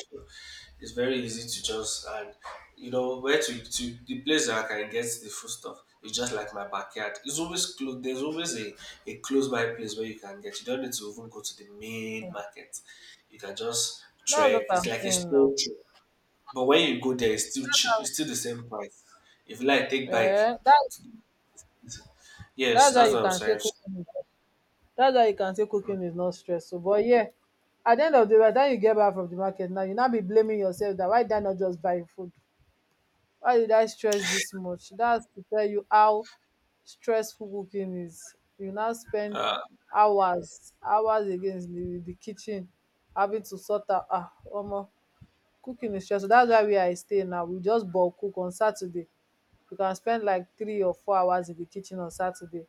S1: It's very easy to just and you know where to the place that I can get the food stuff is just like my backyard. It's always close. There's always a close by place where you can get. You don't need to even go to the main market. You can just
S2: that's
S1: trek.
S2: what
S1: It's
S2: I'm
S1: like a
S2: saying
S1: store
S2: now.
S1: trip. But when you go there, it's still cheap. It's still the same price. If you like, take bike.
S2: Eh, that's—
S1: Yes,
S2: that's why
S1: that's
S2: you
S1: what I'm
S2: can say
S1: saying.
S2: cooking is— that's why you can say
S1: Mm,
S2: cooking is not stressful, but yeah, at the end of the day, by the time you get back from the market, now you now be blaming yourself that why did I not just buy food? Why did I stress this much? That's to tell you how stressful cooking is. You now spend
S1: Uh,
S2: hours, hours again in the kitchen having to sort out, ah, omo, cooking is stressful. That's why where I stay now, we just bulk cook on Saturday. You can spend like 3 or 4 hours in the kitchen on Saturday.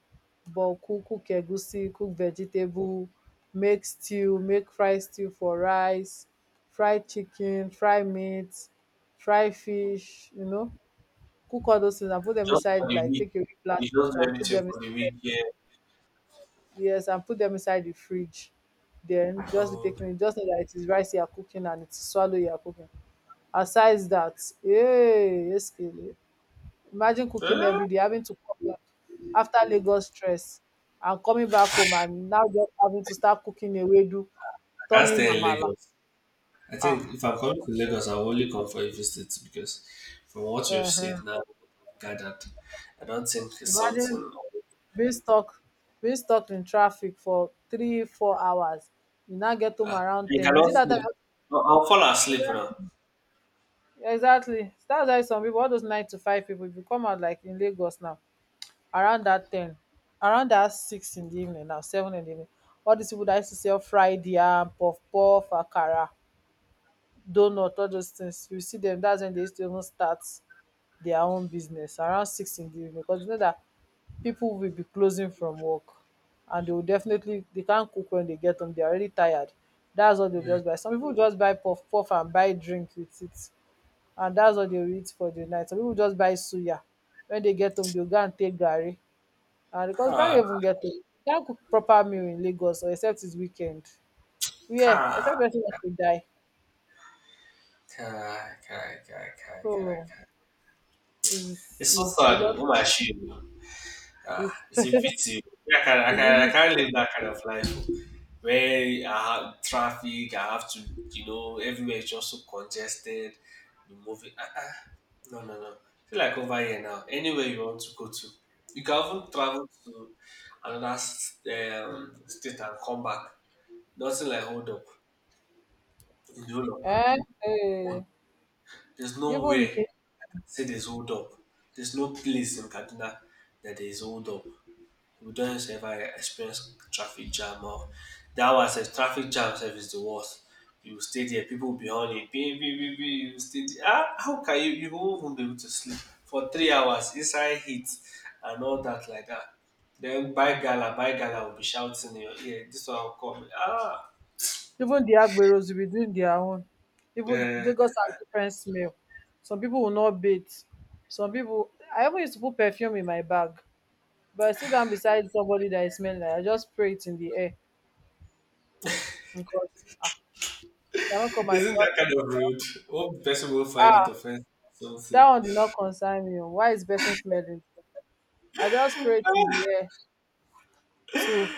S2: Bulk cook, cook egusi, cook vegetable, make stew, make fried stew for rice, fried chicken, fried meat, fried fish, you know, cook all those things and put them
S1: just for
S2: inside
S1: the
S2: like
S1: week.
S2: take away
S1: You just
S2: plastics
S1: do
S2: and put
S1: everything
S2: them in.
S1: for the week. Yeah.
S2: Yes, and put them inside the fridge, then just be
S1: So
S2: taking it. Just know that it is rice you are cooking and it is swallow you are cooking. Aside that, hey, eskele, imagine cooking
S1: I
S2: every day, having to come back after Lagos stress and coming back home and now just having to start cooking a wedu,
S1: can't
S2: turning
S1: stay in
S2: amala.
S1: Lagos. I think
S2: Ah,
S1: if I'm coming to Lagos, I'll only come for a visit because from what you've said
S2: um
S1: now, gathered, I don't think it's
S2: imagine
S1: something.
S2: being stuck being stuck in traffic for 3 4 hours. You now get home
S1: Ah,
S2: around
S1: you
S2: ten is
S1: cannot
S2: it that
S1: sleep.
S2: time?
S1: I'll fall asleep now.
S2: Exactly, that's why some people, all those 9 to 5 people, if you come out like in Lagos now around that 10, around that 6 in the evening, now 7 in the evening, all these people that used to sell fried yam, puff puff, akara, donut, all those things, you see them, that's when they used to even start their own business around 6 in the evening, because you know that people will be closing from work, and they will definitely— they can't cook when they get home. They're already tired. That's what they
S1: Yeah.
S2: just buy. Some people just buy puff puff and buy drink with it, and that's what they will eat for the night. Some people just buy suya. When they get home, they'll go and take garri, and because can't
S1: Ah,
S2: even get home, can't cook proper meal in Lagos, or except it's weekend. Yeah,
S1: ah,
S2: except
S1: ah,
S2: person wants to die.
S1: ah, ah, ah, ah,
S2: So
S1: ah.
S2: it's,
S1: It's so
S2: it's a
S1: sad.
S2: lot.
S1: Oh my shame. Ah,
S2: <laughs>
S1: it's a
S2: It's
S1: pity. I
S2: really.
S1: can't live that kind of life where I have traffic. I have to, you know, everywhere is just so congested. Be moving. Ah, ah. No, no, no. I feel like over here now. Anywhere you want to go to, you can even travel to another state and come back. Nothing like hold up in the whole of
S2: Eh,
S1: Kaduna.
S2: eh,
S1: There's
S2: even
S1: nowhere
S2: in—
S1: say there's hold up. There's no place in Kaduna that there is hold up. We don't ever experience traffic jam or that was a traffic jam sef is the worst. You stay there, people will be on it, beep, beep, beep, beep, you stay there. Ah, how can you you won't even be able to sleep for 3 hours inside heat and all that like that. Then by gala will be shouting in your ear, this one will come.
S2: even the agberos will be doing their own. Even
S1: Eh,
S2: Lagos has different smell. Some people will not bathe. Some people. I even used to put perfume in my bag, but I sit down beside somebody that I smell, like, I just spray it in the air, because, ah, I cannot come and—
S1: isn't that kind of rude? Hope the person will find it
S2: ah,
S1: offensive. So,
S2: that one did not concern me o, why is person smelling? I just spray it in the
S1: <laughs>
S2: air to—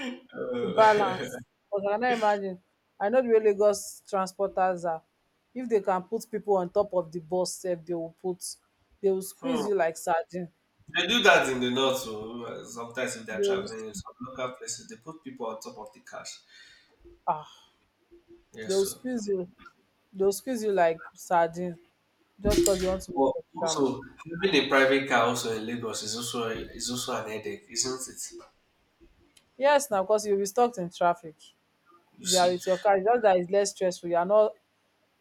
S2: to
S1: Uh,
S2: balance. But I cannot imagine. I know the way Lagos transporters are. If they can put people on top of the bus sef, they will put— they will
S1: <laughs> hmm.
S2: squeeze you like sardine.
S1: They do that in the north, so sometimes if they're
S2: they will
S1: traveling in some local places, they put people on top of the cars.
S2: ah they
S1: Yes,
S2: will
S1: so.
S2: squeeze you they will squeeze you like sardine, just cause they want to make
S1: But
S2: extra money.
S1: also, having a private car also in Lagos is also an headache, isn't it?
S2: Yes, now, cause you will be stuck in traffic.
S1: You
S2: If you are
S1: see,
S2: with your car, it's just that it's less stressful.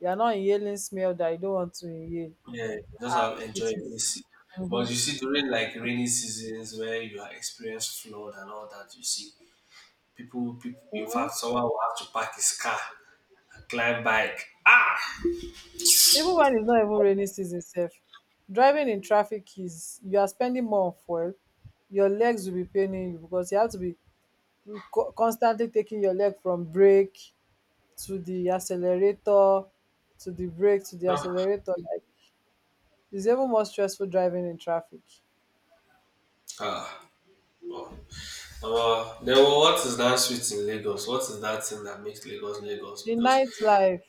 S2: You are not inhaling smell that you don't want to inhale.
S1: yeah, you just
S2: And
S1: have enjoy
S2: it
S1: your
S2: is,
S1: AC. But
S2: mhm.
S1: you see, during like rainy seasons where you are experience flood and all that, you see people. In fact, someone will have to park his car and climb bike.
S2: Even when it's not even rainy season sef, driving in traffic is— you are spending more on fuel. Your legs will be paining you because you have to be constantly taking your leg from brake to the accelerator, to the brake to the
S1: Ah,
S2: accelerator, like, it's even more stressful driving in traffic.
S1: ah. Well, then what is that sweet in Lagos? What is that thing that makes Lagos Lagos?
S2: The
S1: Because
S2: nightlife,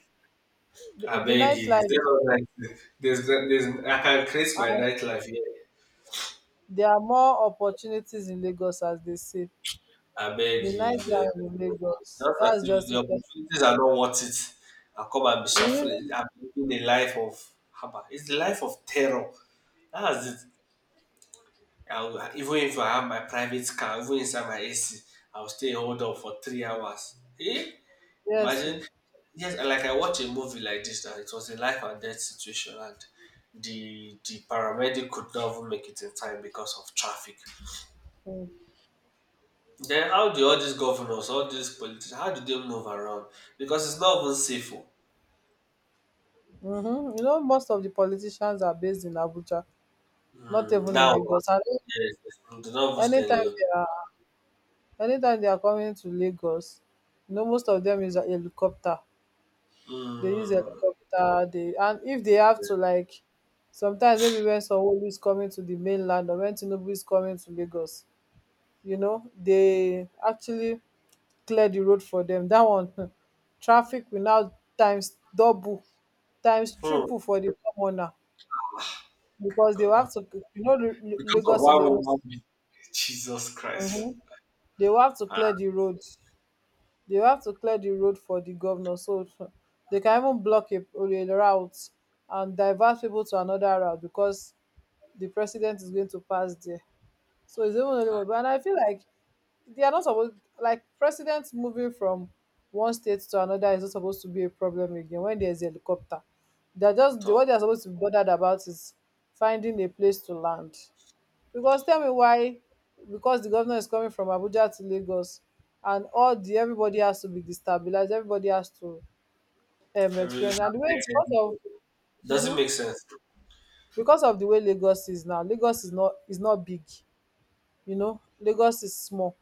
S2: the,
S1: I
S2: the
S1: beg you, is
S2: nightlife.
S1: there not like there's I can create my nightlife here.
S2: There are more opportunities in Lagos, as they say.
S1: I beg
S2: The
S1: you, eh,
S2: nightlife in Lagos,
S1: just as
S2: that's
S1: if
S2: just
S1: the
S2: it.
S1: opportunities are not worth it. I come and be suffering. I'm living a life of haba. It's the life of terror. That's it. I will, even if I have my private car, even inside my AC, I will stay hold up for 3 hours. Eh?
S2: <laughs> Yes,
S1: Imagine,
S2: so,
S1: yes, like I watched a movie like this that it was a life and death situation, and the paramedic could not even make it in time because of traffic. Then how do all these governors, all these politicians, how do they move around? Because it's not even safe. Oh.
S2: hmm. You know, most of the politicians are based in Abuja, not
S1: Hmm,
S2: even in
S1: now,
S2: Lagos. And
S1: yes, yes, do not even stay in
S2: anytime
S1: Lagos.
S2: they are, anytime they are coming to Lagos, you know, most of them use a helicopter. They use
S1: Hmm,
S2: helicopter. They— and if they have to like, sometimes maybe when Sanwo-Olu is coming to the mainland, or when Tinubu is coming to Lagos, you know, they actually clear the road for them. That one, <laughs> traffic will now times double, times
S1: hmm,
S2: triple for the commoner. Because they
S1: God,
S2: will
S1: no.
S2: have to— you know,
S1: Because of
S2: Lagos is
S1: one
S2: a,
S1: woman, being- <laughs> Jesus Christ.
S2: mm-hmm, they will have to
S1: Ah,
S2: clear the roads. They will have to clear the road for the governor, so so, they can even block a route and divert people to another route because the president is going to pass there. So it's even only
S1: ah,
S2: one, and I feel like they are not supposed— like presidents moving from one state to another is not supposed to be a problem again when there's a helicopter. They're just the—
S1: tough.
S2: what they're supposed to be bothered about is finding a place to land. Because tell me why, because the governor is coming from Abuja to Lagos, and all the— everybody has to be destabilized. Everybody has to,
S1: Every-
S2: experience, and the way because of,
S1: Doesn't
S2: mhm,
S1: make sense.
S2: because of the way Lagos is now, Lagos is not— is not big, you know. Lagos is small.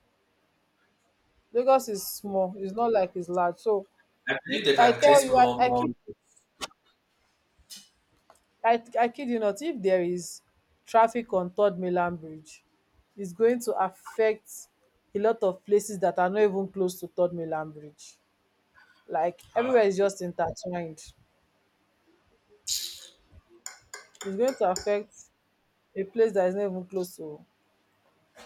S2: Lagos is small. It's not like it's large. So
S1: I
S2: if
S1: believe they
S2: I
S1: can
S2: tell
S1: create
S2: you,
S1: more
S2: I, I
S1: more
S2: kid I, I kid you not, if there is traffic on Third Mainland Bridge, it's going to affect a lot of places that are not even close to Third Mainland Bridge. Like everywhere
S1: Ah,
S2: is just intertwined. It's going to affect a place that is not even close to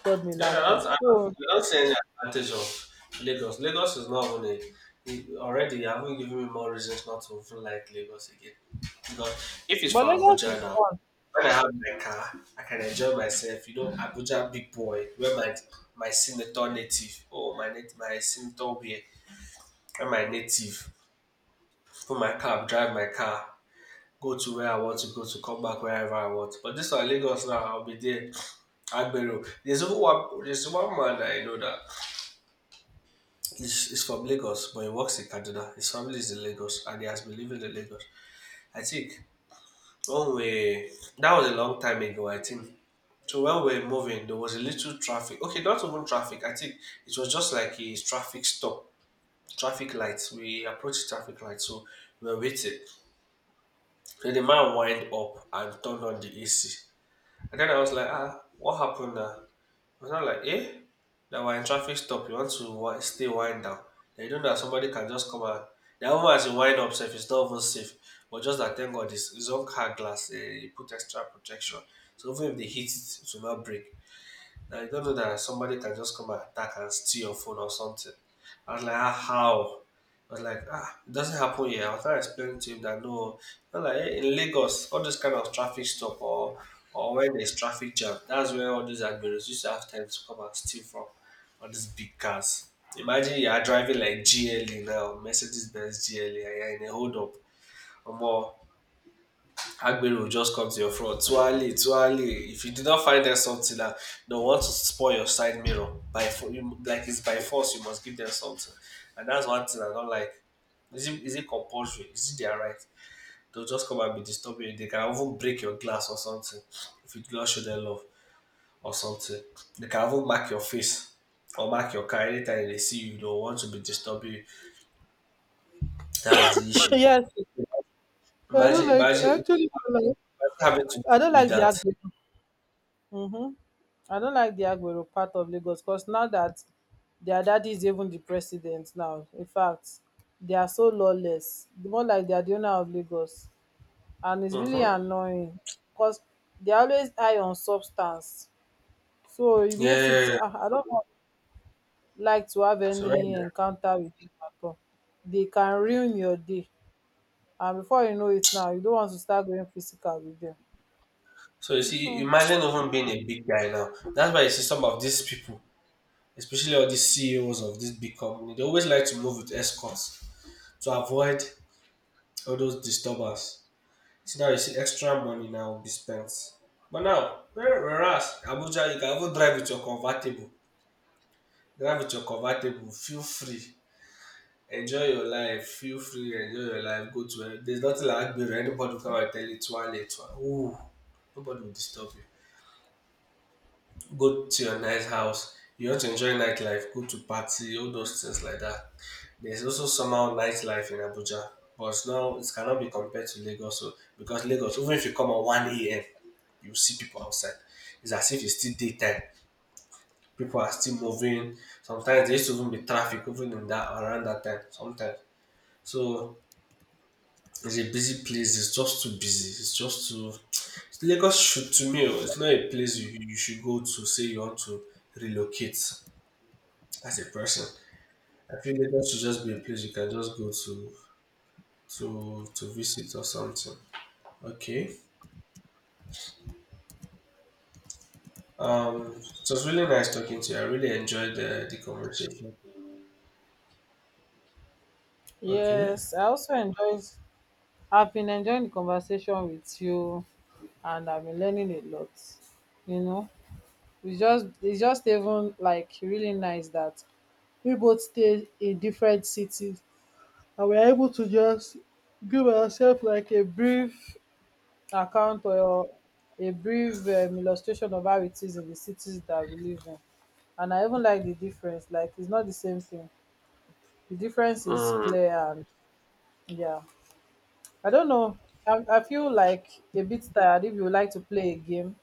S2: Third
S1: yeah,
S2: Milan Bridge. So,
S1: I don't see any advantage of Lagos. Lagos is not even a, it- already you haven't given me more reasons not to even like Lagos again. Because if it's
S2: but
S1: for
S2: Lagos
S1: Abuja
S2: is
S1: now,
S2: fun.
S1: when I have my car, I can enjoy myself. You know, Abuja big boy, where my senator native, oh my nat- my senator wear, where my native, put my car, drive my car, go to where I want to go to, come back wherever I want. But this one Lagos now, I'll be there. Agbero. There's one man that I know that he's from Lagos, but he works in Kaduna. His family is in Lagos, and he has been living in Lagos. I think when we that was a long time ago. I think so. When we were moving, there was a little traffic. Okay, not even traffic. I think it was just like a traffic stop, traffic lights. We approached traffic light, so we were waiting. So the man wind up and turned on the AC, and then I was like, ah, what happened now? I was not like, eh, that we're in traffic stop. You want to wi- stay wind down. Then you know that somebody can just come and that woman as you wind up safe, it's not even safe. But just that thank God it's his own car glass, eh, he put extra protection. So even if they hit it, it will not break. Now you don't know that somebody can just come and attack and steal your phone or something. I was like, ah, how? I was like, ah, it doesn't happen here. I was trying to explain to him that no, I was like eh, in Lagos, all this kind of traffic stop or when there's traffic jam, that's where all these admirers used to have time to come and steal from all these big cars. Imagine you are driving like GLE now, Mercedes Benz GLE, and you're in a hold up or more. Aguero will just come to your front. Tuale, tuale. If you did not find them something that don't want to spoil your side mirror by fo- you, like it's by force, you must give them something. And that's one thing I don't like. Is it compulsory? Is it their right? They'll just come and be disturbing you. They can even break your glass or something if you do not show them love or something. They can even mark your face or mark your car anytime they see you. They will want to be disturbing you. That's the
S2: <coughs>
S1: issue.
S2: Yes, I don't
S1: Imagine,
S2: like.
S1: imagine,
S2: I actually don't
S1: imagine
S2: like.
S1: having to
S2: I
S1: deal
S2: don't
S1: with
S2: like the
S1: that.
S2: Agbero. Mm-hmm. I don't like the Agbero part of Lagos because now that their daddy is even the president now. In fact, they are so lawless. The more like they are the owner of Lagos, and it's really
S1: Mhm.
S2: annoying because they are always high on substance. So it
S1: Yeah. Yeah,
S2: makes it.
S1: yeah, yeah.
S2: I don't like to have
S1: So right
S2: any
S1: now,
S2: encounter with them at all. They can ruin your day. And before you know it now, you don't want to start going physical with them.
S1: so you see,
S2: Hmm.
S1: imagine even being a big guy now. That's why you see some of these people, especially all these CEOs of this big company, they always like to move with escorts to avoid all those disturbers. So now you see extra money now will be spent. But now, where- whereas Abuja, you can even drive with your convertible. Drive with your convertible. Feel free. Enjoy your life. Feel free. Enjoy your life. Go to. There's nothing like Agbero. Anybody will come and tell you, "Tuale, tuale." Ooh, nobody will disturb you. Go to your nice house. You want to enjoy nightlife, go to party, all those things like that. There's also somehow nightlife in Abuja, but now it cannot be compared to Lagos. So because Lagos, even if you come at one a.m., you see people outside. It's as if it's still daytime. People are still moving. Sometimes there used to even be traffic even in that around that time. Sometimes so it's a busy place. It's just too busy. It's just too. Lagos should to me, oh, it's not a place you should go to say you want to relocate. As a person. I feel Lagos should just be a place you can just go to to visit or something. Okay. It was really nice talking to you. I really enjoyed the conversation. Okay.
S2: Yes, I also enjoyed— I've been enjoying the conversation with you, and I've been learning a lot. You know, we just— it's just even like really nice that we both stay in different cities and we're able to just give ourselves like a brief account or a brief illustration of how it is in the cities that we live in. And I even like the difference. Like it's not the same thing. The difference is clear and yeah. I don't know. I feel like a bit tired. If you would like to play a game.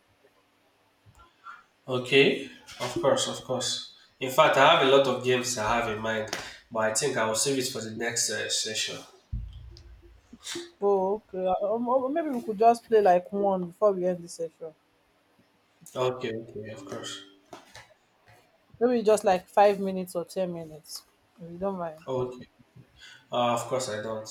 S1: Okay. Of course, of course. In fact, I have a lot of games I have in mind, but I think I will save it for the next session.
S2: Oh, okay. Or maybe we could just play like one before we end this session.
S1: Okay. Okay. Of course.
S2: Maybe just like 5 minutes or 10 minutes. If you don't mind.
S1: Okay. Of course, I don't.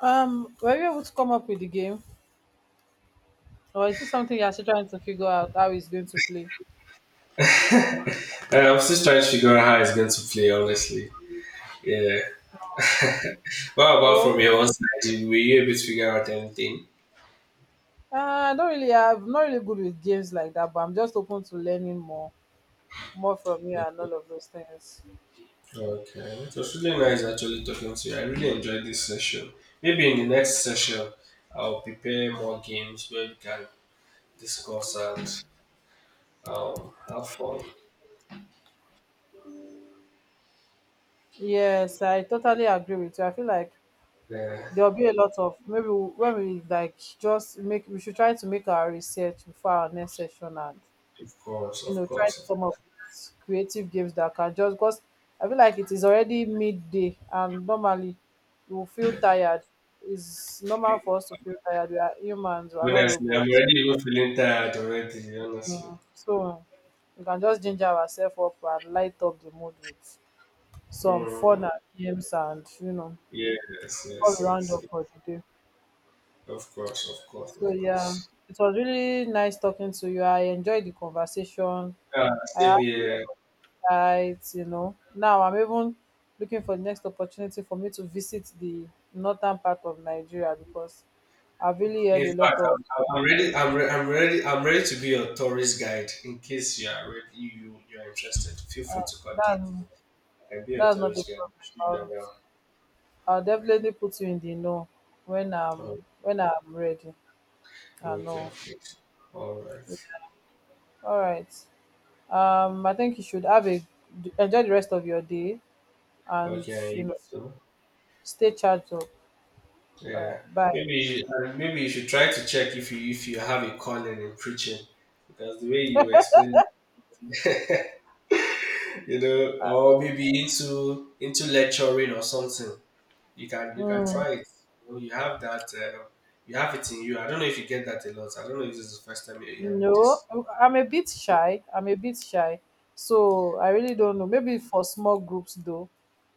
S2: Were you able to come up with the game, or is this something you're still trying to figure out how it's going to play?
S1: I'm still trying to figure out how it's going to play. Honestly. Yeah. What about
S2: Oh,
S1: from your own side? Did- Were you able to figure out anything?
S2: I don't really have— I'm not really good with games like that, but I'm just open to learning more, more from you and all of those things.
S1: Okay, it was really nice actually talking to you. I really enjoyed this session. Maybe in the next session, I'll prepare more games where we can discuss and have fun.
S2: Yes, I totally agree with you. I feel like
S1: Yeah,
S2: there'll be a lot of— maybe when we like just make— we should try to make our research before our next session, and
S1: of course,
S2: you
S1: of
S2: know, try to
S1: course.
S2: come up with creative games that can just— because I feel like it is already midday and normally you will feel tired. It's normal for us to feel tired. We are humans, we are not
S1: Honestly, I'm
S2: robots.
S1: already even feeling tired already, honestly.
S2: So we can just ginger ourselves up and light up the mood with some fun
S1: Mm,
S2: and games, and you know,
S1: yes,
S2: all
S1: yes,
S2: round
S1: yes,
S2: up
S1: yes.
S2: for the day.
S1: Of course, of course, of
S2: So yeah,
S1: course.
S2: it was really nice talking to you. I enjoyed the conversation.
S1: Yeah,
S2: I
S1: same
S2: had a lot
S1: here.
S2: of insights. You know, now I'm even looking for the next opportunity for me to visit the northern part of Nigeria, because I've really heard
S1: In
S2: a lot
S1: fact,
S2: of
S1: I'm ready. I'm ready. I'm ready to be your tourist guide. In case you are ready, you are interested, feel free
S2: that.
S1: to contact me.
S2: That's—
S1: I can be your
S2: that's not a
S1: tourist guide. Should
S2: problem.
S1: I know?
S2: I'll definitely put you in the know when
S1: Oh,
S2: I'm— when I'm ready. I
S1: okay,
S2: know.
S1: okay. All right.
S2: Yeah. All right. I think you should have a— enjoy the rest of your day, and you
S1: Okay,
S2: know,
S1: so
S2: stay charged up. All
S1: yeah,
S2: right, bye.
S1: maybe you should try to check if you have a calling in preaching, because the way you explain, <laughs> you know, or maybe into lecturing or something. You can
S2: Mm,
S1: try it. You, know, you have that. You have it in you. I don't know if you get that a lot. I don't know if this is the first time you're having
S2: no,
S1: this.
S2: I'm a bit
S1: This-
S2: shy. I'm a bit shy. So I really don't know. Maybe for small groups though,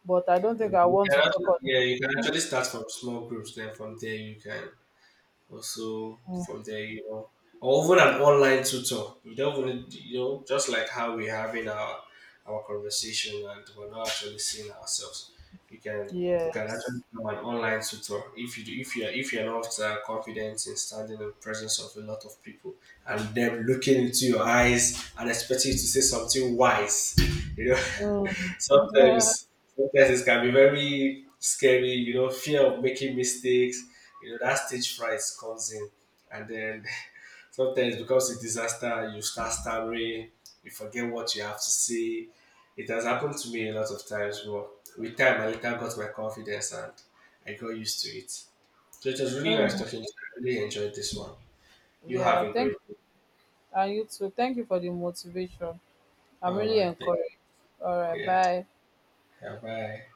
S2: but I don't
S1: No,
S2: think I
S1: you
S2: want
S1: can
S2: to
S1: actually,
S2: talk on.
S1: yeah, you can actually start from small groups. Then from there you can also
S2: Mm,
S1: from there, you know, or even an online tutor. You don't even, need- you know, just like how we're having our conversation and we're not actually seeing ourselves. You can you can actually
S2: yes.
S1: become an online tutor if you do, if you are if you're not confident in standing in the presence of a lot of people and them looking into your eyes and expecting you to say something wise, you know. <laughs>
S2: Mm. <laughs>
S1: sometimes Sometimes it can be very scary, you know, fear of making mistakes, you know, that stage fright comes in, and then <laughs> sometimes it becomes a disaster. You start stammering, you forget what you have to say. It has happened to me a lot of times, but with time I later got my confidence and I got used to it. So it was really nice
S2: Mm,
S1: talking to you. I really enjoyed this one. You have
S2: yeah,
S1: a
S2: thank—
S1: great day.
S2: and you too. Thank you for the motivation. I'm
S1: all
S2: really
S1: right thank-
S2: encouraged. All
S1: you.
S2: right,
S1: Yeah
S2: bye.
S1: yeah, bye.